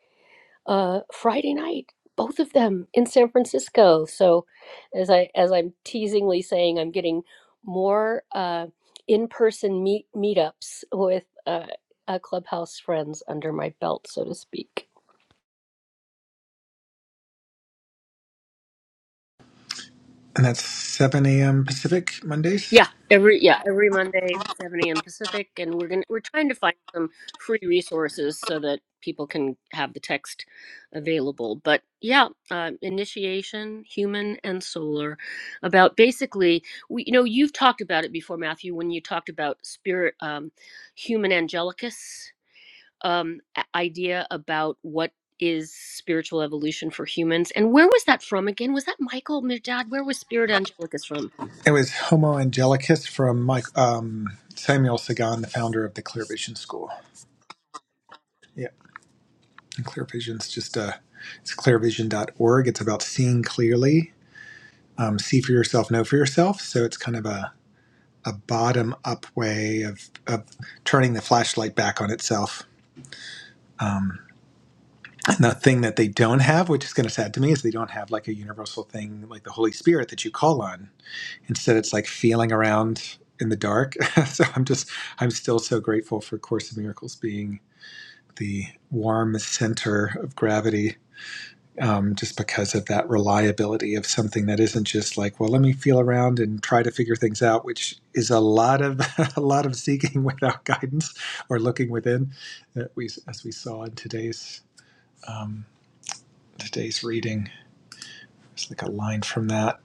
uh, Friday night. Both of them in San Francisco. So, as I as I'm teasingly saying, I'm getting more uh, in-person meet meetups with uh, uh, clubhouse friends under my belt, so to speak. And that's 7 a.m. Pacific Mondays. Yeah, every yeah every Monday, seven a.m. Pacific, and we're gonna we're trying to find some free resources so that people can have the text available. But yeah, uh, initiation, human and solar, about basically we you know you've talked about it before, Matthew, when you talked about spirit, um, human angelicus um, a- idea about what is spiritual evolution for humans and where was that from again was that michael Merdad? where was spirit angelicus from It was Homo Angelicus from Mike, um, Samuel Sagan, the founder of the Clear Vision School. Yeah. And ClearVision's just a it's clearvision.org. It's about seeing clearly, um, see for yourself, know for yourself. So it's kind of a, a bottom up way of, of turning the flashlight back on itself. Um, and the thing that they don't have, which is kind of sad to me, is they don't have like a universal thing like the Holy Spirit that you call on. Instead, it's like feeling around in the dark. [laughs] so I'm just, I'm still so grateful for Course in Miracles being the warm center of gravity um, just because of that reliability of something that isn't just like, well, let me feel around and try to figure things out, which is a lot of [laughs] a lot of seeking [laughs] without guidance or looking within, that we as we saw in today's um, today's reading. It's like a line from that.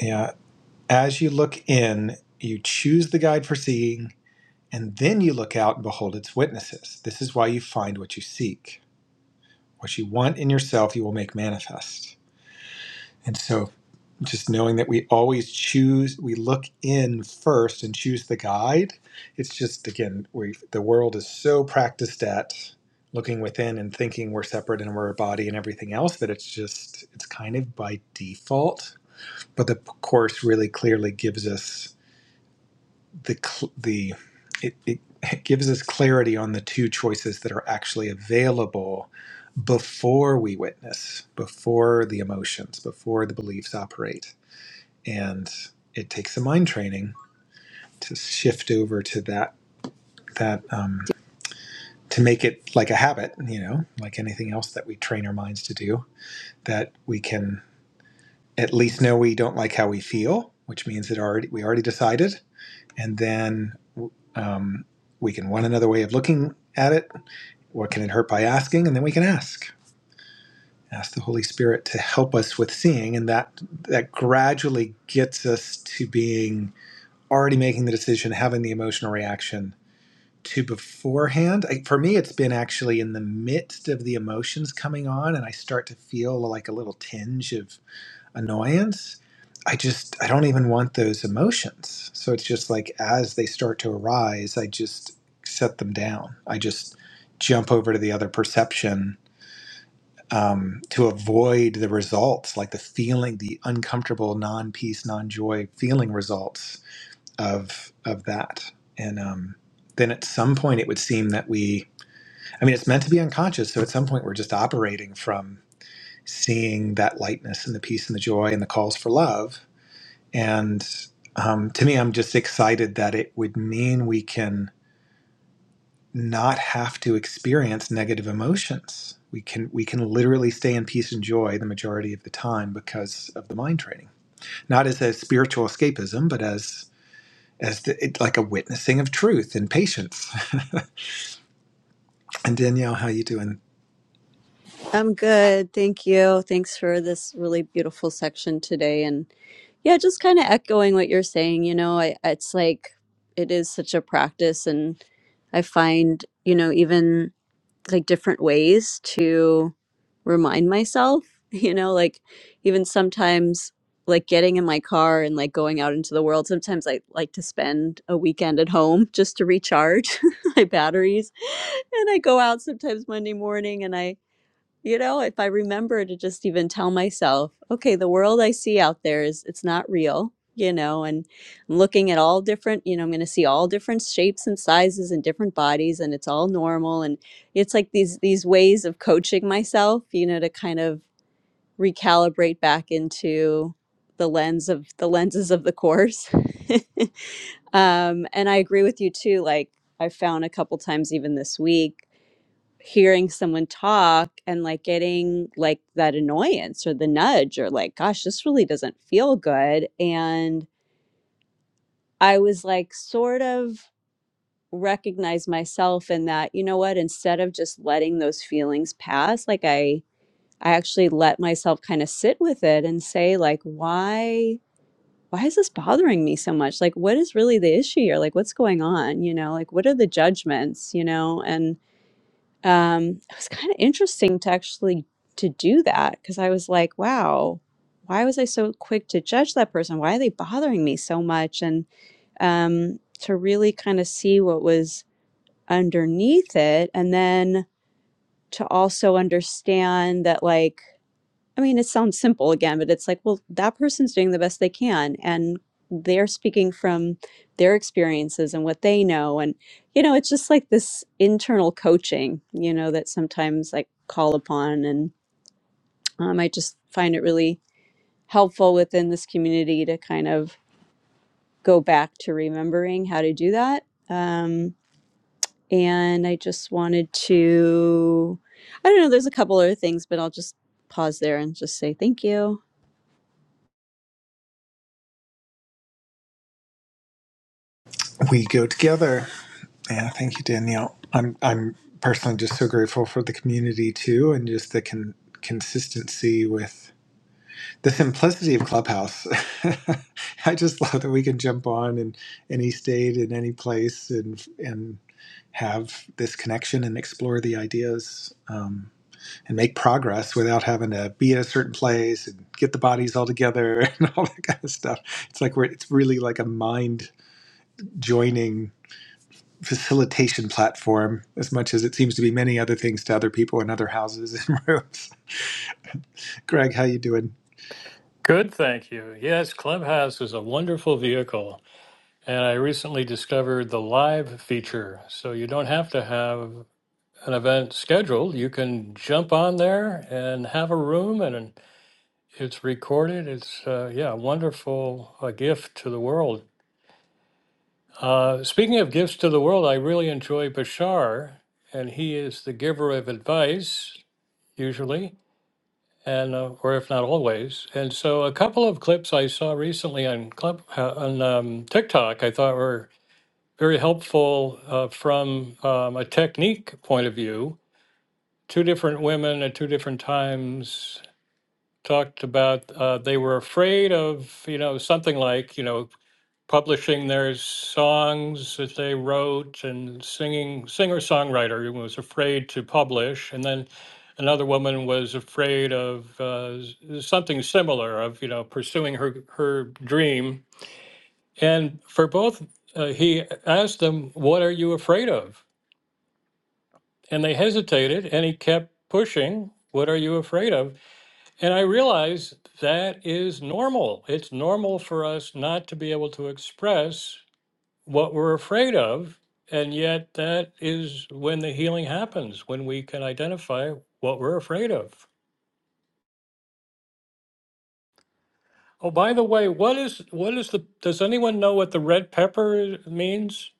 Yeah, as you look in, you choose the guide for seeing, and then you look out and behold its witnesses. This is why you find what you seek, what you want in yourself, you will make manifest. And so just knowing that we always choose we look in first and choose the guide it's just again we the world is so practiced at looking within and thinking we're separate and we're a body and everything else that it's just it's kind of by default but the course really clearly gives us the cl- the it, it it gives us clarity on the two choices that are actually available before we witness before the emotions before the beliefs operate and it takes some mind training to shift over to that that um, to make it like a habit you know like anything else that we train our minds to do that we can at least know we don't like how we feel which means that already we already decided and then um, we can want another way of looking at it what can it hurt by asking and then we can ask ask the holy spirit to help us with seeing and that that gradually gets us to being already making the decision, having the emotional reaction to beforehand. I, for me, it's been actually in the midst of the emotions coming on, and I start to feel like a little tinge of annoyance. I just, I don't even want those emotions. So it's just like as they start to arise, I just set them down. I just jump over to the other perception um, to avoid the results, like the feeling, the uncomfortable, non peace, non joy feeling results of of that and um then at some point it would seem that we i mean it's meant to be unconscious so at some point we're just operating from seeing that lightness and the peace and the joy and the calls for love and um, to me i'm just excited that it would mean we can not have to experience negative emotions we can we can literally stay in peace and joy the majority of the time because of the mind training not as a spiritual escapism but as as the, it, like a witnessing of truth and patience. [laughs] and Danielle, how you doing? I'm good. Thank you. Thanks for this really beautiful section today, And. Yeah, just kind of echoing what you're saying, you know, I, it's like it is such a practice, and I find, you know, even like different ways to remind myself, [laughs] you know, like even sometimes like getting in my car and like going out into the world. Sometimes I like to spend a weekend at home just to recharge [laughs] my batteries. And I go out sometimes Monday morning and I you know if i remember to just even tell myself okay the world i see out there is it's not real you know and i'm looking at all different you know i'm going to see all different shapes and sizes and different bodies and it's all normal and it's like these these ways of coaching myself you know to kind of recalibrate back into the lens of the lenses of the course [laughs] um and i agree with you too like i found a couple times even this week hearing someone talk and like getting like that annoyance or the nudge or like gosh this really doesn't feel good and i was like sort of recognize myself in that you know what instead of just letting those feelings pass like i i actually let myself kind of sit with it and say like why why is this bothering me so much like what is really the issue here like what's going on you know like what are the judgments you know and um, it was kind of interesting to actually to do that because I was like, wow, why was I so quick to judge that person? Why are they bothering me so much? And um, to really kind of see what was underneath it, and then to also understand that like I mean, it sounds simple again, but it's like, well, that person's doing the best they can and they're speaking from their experiences and what they know. And, you know, it's just like this internal coaching, you know, that sometimes I call upon. And um, I just find it really helpful within this community to kind of go back to remembering how to do that. Um, and I just wanted to, I don't know, there's a couple other things, but I'll just pause there and just say thank you. We go together. Yeah, thank you, Danielle. I'm I'm personally just so grateful for the community too, and just the con- consistency with the simplicity of Clubhouse. [laughs] I just love that we can jump on in any state, in any place, and and have this connection and explore the ideas. Um, and make progress without having to be at a certain place and get the bodies all together [laughs] and all that kind of stuff. It's like we're it's really like a mind joining facilitation platform as much as it seems to be many other things to other people in other houses and [laughs] rooms. Greg, how you doing? Good, thank you. Yes, Clubhouse is a wonderful vehicle. And I recently discovered the live feature. So you don't have to have an event scheduled. You can jump on there and have a room, and it's recorded. It's, uh, yeah, a wonderful a gift to the world. Uh, speaking of gifts to the world, I really enjoy Bashar, and he is the giver of advice, usually. and uh, or if not always. And so a couple of clips I saw recently on club uh, on um, TikTok I thought were very helpful uh, from um, a technique point of view. Two different women at two different times talked about uh, they were afraid of you know something like you know publishing their songs that they wrote and singing singer songwriter was afraid to publish and then another woman was afraid of uh, s- something similar of you know pursuing her her dream and for both uh, he asked them what are you afraid of and they hesitated and he kept pushing what are you afraid of and i realized that is normal it's normal for us not to be able to express what we're afraid of. And yet, that is when the healing happens, when we can identify what we're afraid of. Oh, by the way, what is what is the? Does anyone know what the red pepper is- means?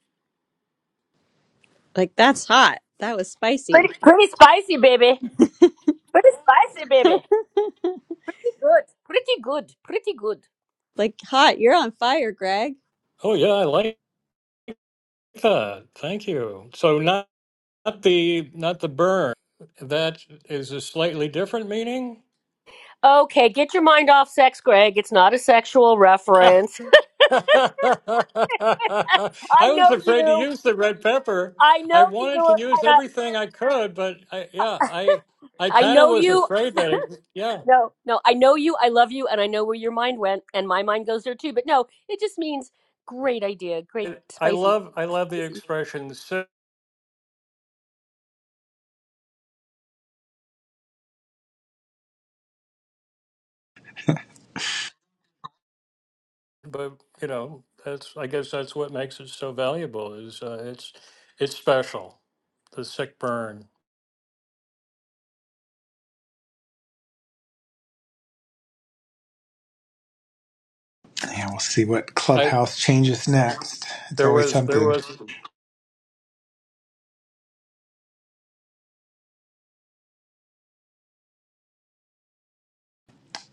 Like, that's hot. That was spicy. Pretty, pretty spicy, baby. Pretty spicy, [laughs] baby. Pretty good. Pretty good. Pretty good. Like, hot. You're on fire, Greg. Oh, yeah, I like that. Thank you. So not, not the not the burn. That is a slightly different meaning. Okay, get your mind off sex, Greg. It's not a sexual [laughs] reference. [laughs] I I was know afraid to you. use the red pepper. I I know you. wanted to use And I, everything I could, but I, yeah, I I I kind of know was you. afraid that it, yeah. No, no, I know you. I love you. And I know where your mind went. And my mind goes there too. But no, it just means great idea. Great It, I spicy. love I love the spicy. expression "sick," but you know that's I guess that's what makes it so valuable is uh, it's it's special. The sick burn. Yeah, we'll see what I clubhouse changes next. It's there always was there something. was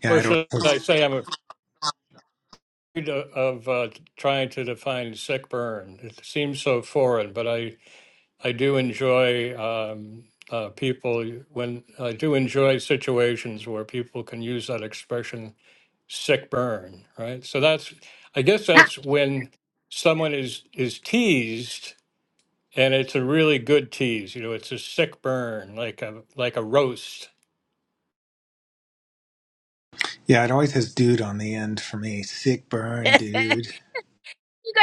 Yeah, or it always should I has, say I'm afraid of, of uh, trying to define sick burn. It seems so foreign, but I I do enjoy um, uh, people when I do enjoy situations where people can use that expression "sick burn," right? So that's, I guess, that's when someone is is teased, and it's a really good tease. You know, it's a sick burn, like a like a roast. yeah, it always has dude on the end for me. Sick [laughs] burn, you dude.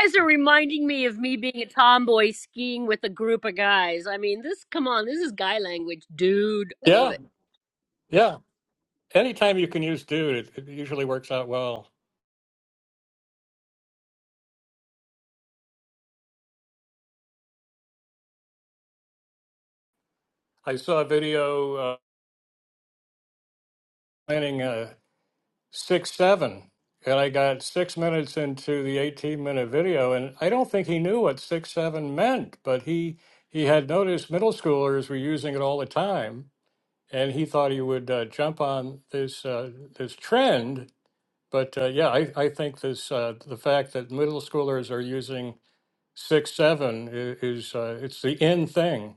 guys are reminding me of me being a tomboy skiing with a group of guys. I mean, this, come on, this is guy language, dude. I love Yeah, it. yeah. Anytime you can use "dude," it, it usually works out well. I saw a video uh, planning. six seven and i got six minutes into the 18 minute video and i don't think he knew what six seven meant but he he had noticed middle schoolers were using it all the time and he thought he would uh, jump on this uh, this trend but uh, yeah I, I think this uh, the fact that middle schoolers are using six seven i- is uh, it's the in thing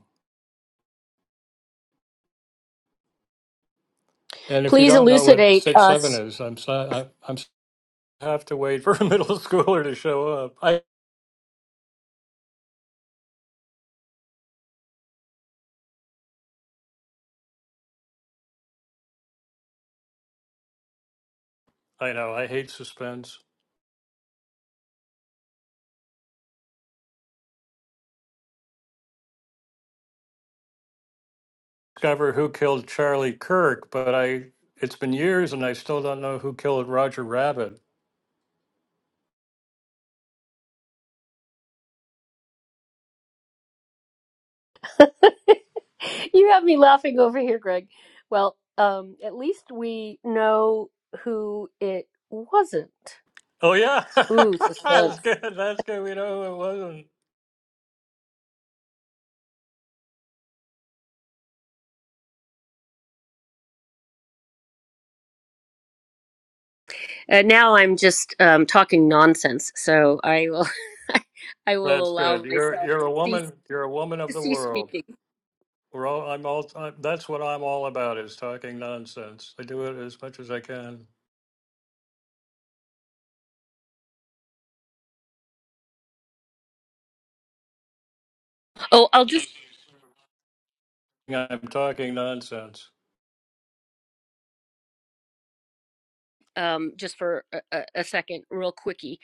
and if you Please don't know what elucidate six seven us. is i'm sorry I, i'm s- have to wait for a [laughs] middle schooler to show up I know. I hate suspense. Discover who killed Charlie Kirk, but I it's been years and I still don't know who killed Roger Rabbit. [laughs] you have me laughing over here, Greg. Well, um, at least we know who it wasn't. Oh yeah. Ooh, [laughs] suspense. That's good. That's good. We know who it wasn't. Uh, now I'm just um, talking nonsense, so I will, [laughs] I will That's good. allow You're myself to you're a cease, woman. You're a woman of to the cease world. speaking. We're all I'm all i that's what I'm all about is talking nonsense. I do it as much as I can. Oh, I'll just. I'm talking nonsense. um, just for a, a second, real quickie.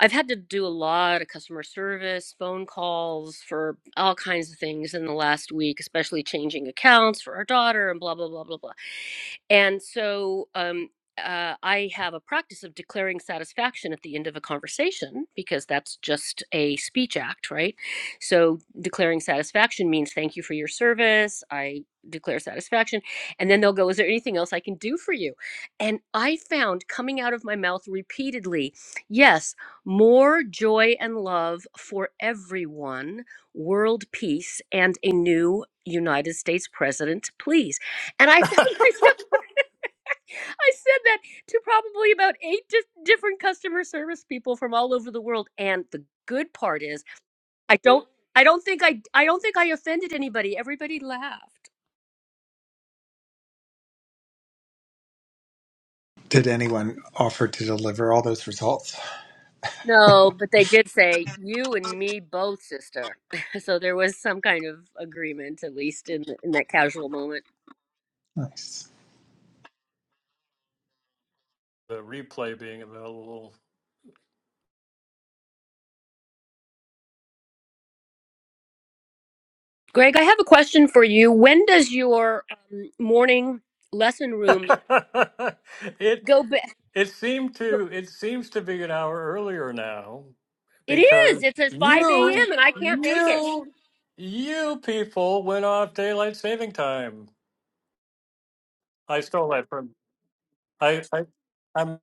I've had to do a lot of customer service, phone calls for all kinds of things in the last week, especially changing accounts for our daughter and blah, blah, blah, blah, blah. And so um, uh, I have a practice of declaring satisfaction at the end of a conversation because that's just a speech act, right? So declaring satisfaction means thank you for your service. I declare satisfaction. And then they'll go, is there anything else I can do for you? And I found coming out of my mouth repeatedly, yes, more joy and love for everyone, world peace, and a new United States president, please. And [laughs] I found [laughs] the myself, I said that to probably about eight di- different customer service people from all over the world. And the good part is, I don't. I don't think I I don't think I offended anybody. Everybody laughed. Did anyone offer to deliver all those results? No, but they did say you and me both, sister. [laughs] So there was some kind of agreement, at least in the, in that casual moment. Nice. replay being available. Greg, I have a question for you. When does your um, morning lesson room [laughs] it go back? It seemed to it seems to be an hour earlier now It is. because It's at five you a.m. and I can't make it. you you people went off daylight saving time. I stole that from I I I'm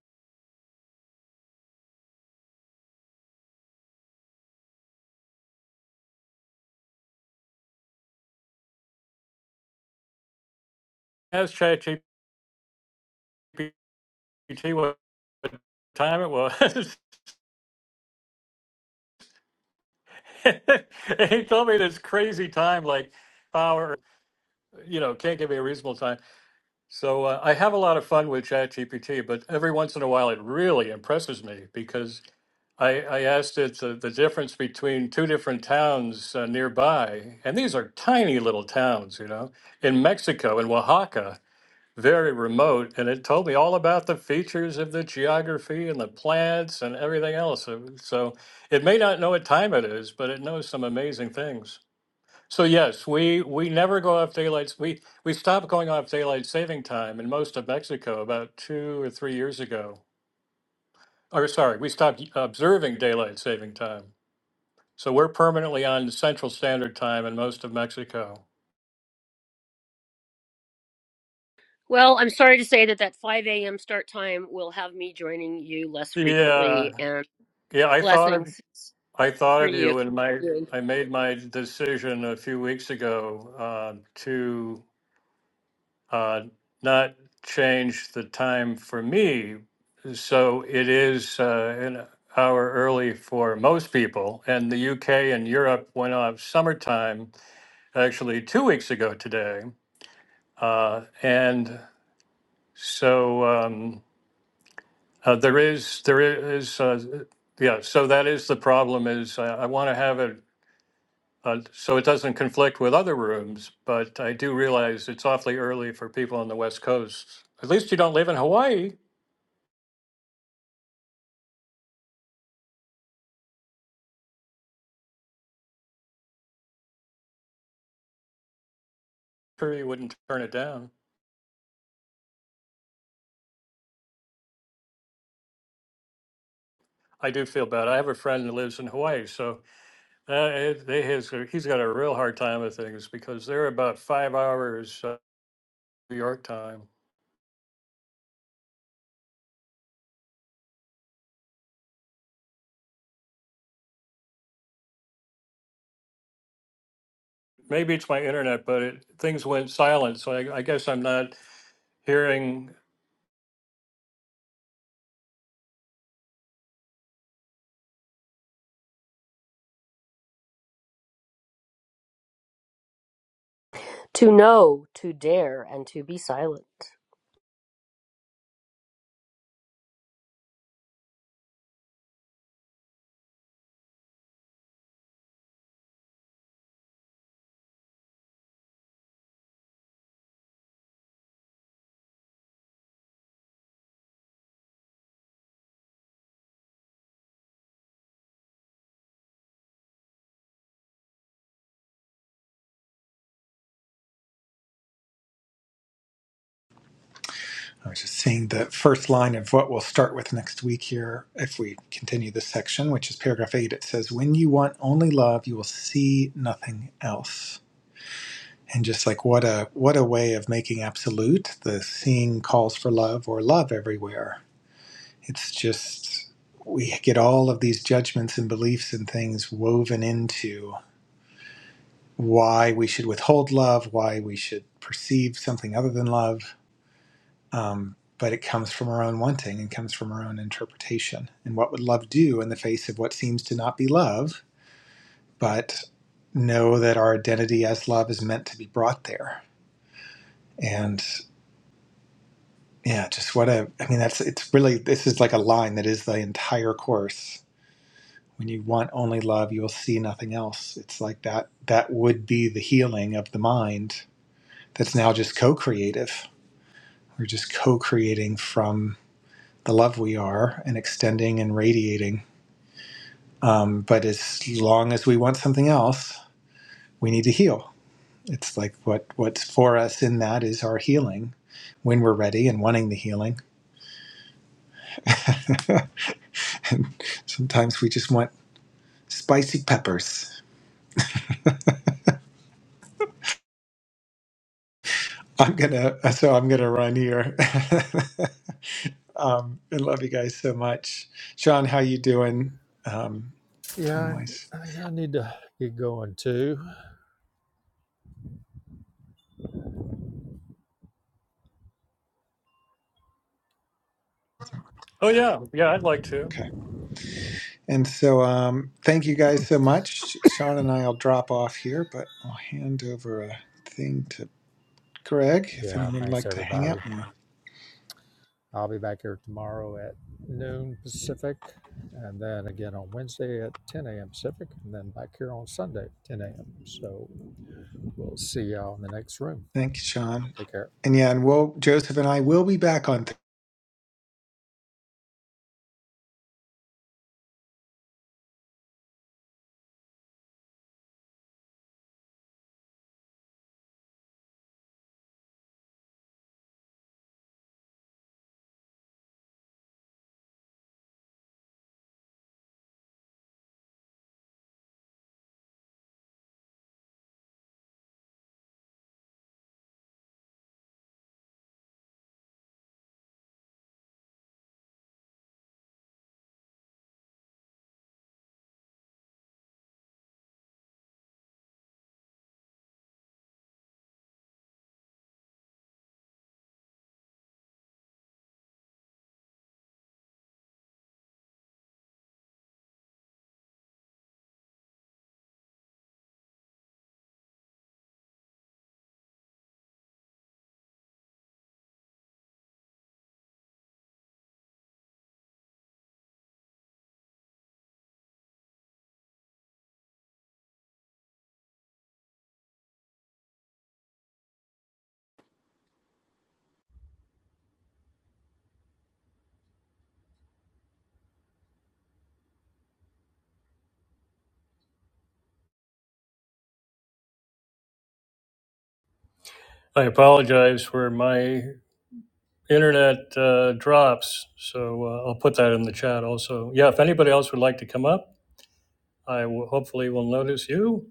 asked ChatGPT what time it was. [laughs] and he told me this crazy time like hour you know can't give me a reasonable time. So uh, I have a lot of fun with ChatGPT, but every once in a while it really impresses me because I, I asked it the, the difference between two different towns uh, nearby, and these are tiny little towns, you know, in Mexico, in Oaxaca, very remote. And it told me all about the features of the geography and the plants and everything else. So so it may not know what time it is, but it knows some amazing things. So yes, we, we never go off daylight. We we stopped going off daylight saving time in most of Mexico about two or three years ago. Or sorry, we stopped observing daylight saving time so we're permanently on Central Standard Time in most of Mexico. Well, I'm sorry to say that that 5 a.m. start time will have me joining you less Yeah, frequently, and yeah. I thought of blessings I thought for of you. you, and my I made my decision a few weeks ago uh, to uh, not change the time for me, so it is uh, an hour early for most people. And the UK and Europe went off summertime actually two weeks ago today, uh, and so. Um, Uh, there is, there is, uh, yeah. So that is the problem. Is I, I want to have it uh, so it doesn't conflict with other rooms, but I do realize it's awfully early for people on the West Coast. At least you don't live in Hawaii. Sure, you wouldn't turn it down. I do feel bad. I have a friend that lives in Hawaii, so uh, it- they has he's got a real hard time with things because they're about five hours uh, New York time. Maybe it's my internet, but it, things went silent, so I, I guess I'm not hearing To know, to dare, and to be silent. I was just seeing the first line of what we'll start with next week here if we continue this section, which is paragraph eight. It says, When you want only love, you will see nothing else. And just like what a what a way of making absolute, the seeing calls for love or love everywhere. It's just we get all of these judgments and beliefs and things woven into why we should withhold love, why we should perceive something other than love Um, but it comes from our own wanting and comes from our own interpretation. And what would love do in the face of what seems to not be love, but know that our identity as love is meant to be brought there? And yeah, just what a, I mean, that's, it's really, this is like a line that is the entire course. When you want only love, you'll see nothing else. It's like that, that would be the healing of the mind that's now just co creative. We're just co creating from the love we are and extending and radiating Um, but as long as we want something else, we need to heal. It's like what what's for us in that is our healing when we're ready and wanting the healing. [laughs] and sometimes we just want spicy peppers. I'm gonna so I'm gonna run here. [laughs] um, I love you guys so much, Sean. How you doing? Um, time Yeah, wise, I think I need to get going too. Oh yeah, yeah, I'd like to. okay. And so um, thank you guys so much. Sean and I'll drop off here, but I'll hand over a thing to. Greg, if Yeah, anyone would thanks like to hang out everybody. more. I'll be back here tomorrow at noon Pacific, and then again on Wednesday at 10 a.m. Pacific, and then back here on Sunday at 10 a.m. So we'll see y'all in the next room. Thank you, Sean. Take care. And yeah, and we'll Joseph and I will be back on I apologize for my internet uh, drops, so uh, I'll put that in the chat also. Yeah, if anybody else would like to come up, I will, hopefully will notice you.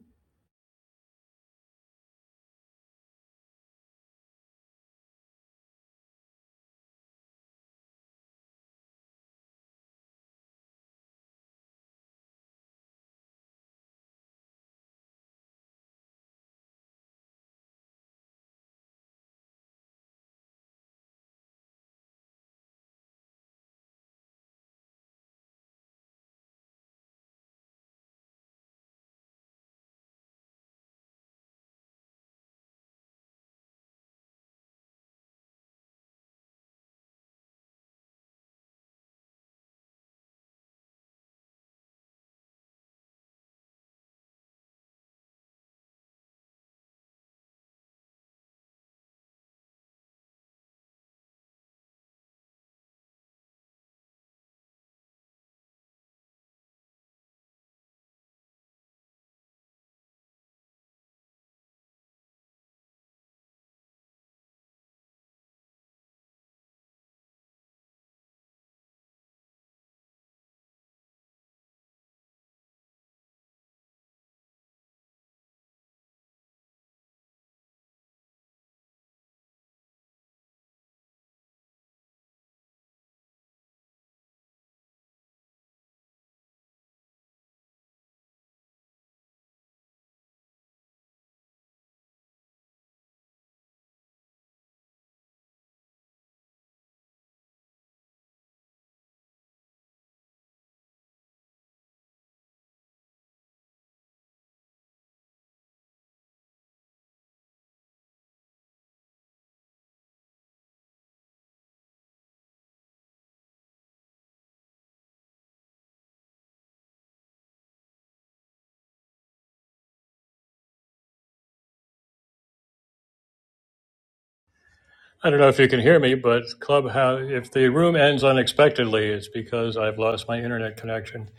I don't know if you can hear me, but Clubhouse, if the room ends unexpectedly, it's because I've lost my internet connection.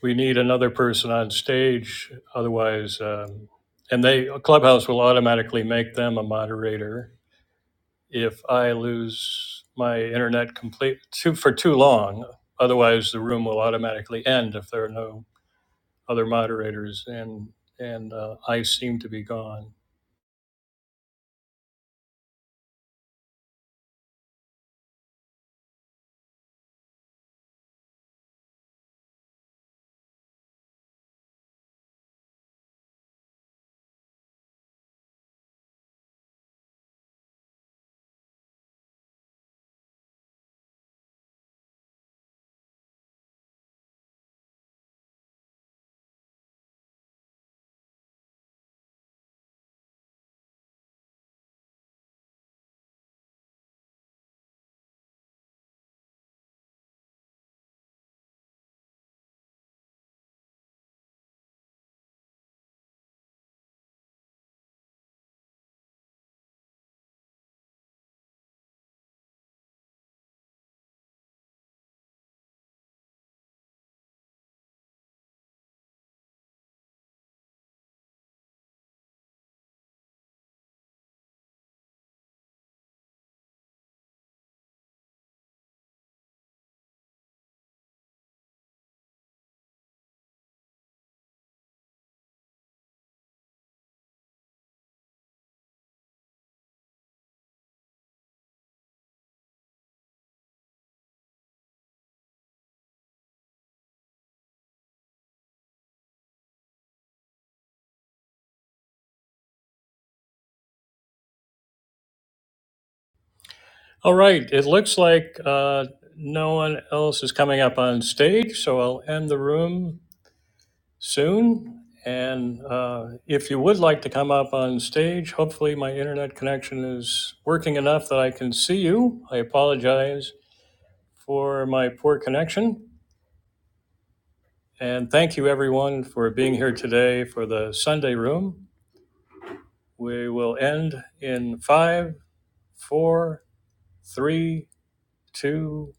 We need another person on stage, otherwise, um, and they Clubhouse will automatically make them a moderator if I lose my internet complete too, for too long. Otherwise, the room will automatically end if there are no other moderators, and and uh, I seem to be gone. All right, it looks like uh, no one else is coming up on stage, so I'll end the room soon. And uh, if you would like to come up on stage, hopefully my internet connection is working enough that I can see you. I apologize for my poor connection. And thank you, everyone, for being here today for the Sunday Room. We will end in five, four, three, two,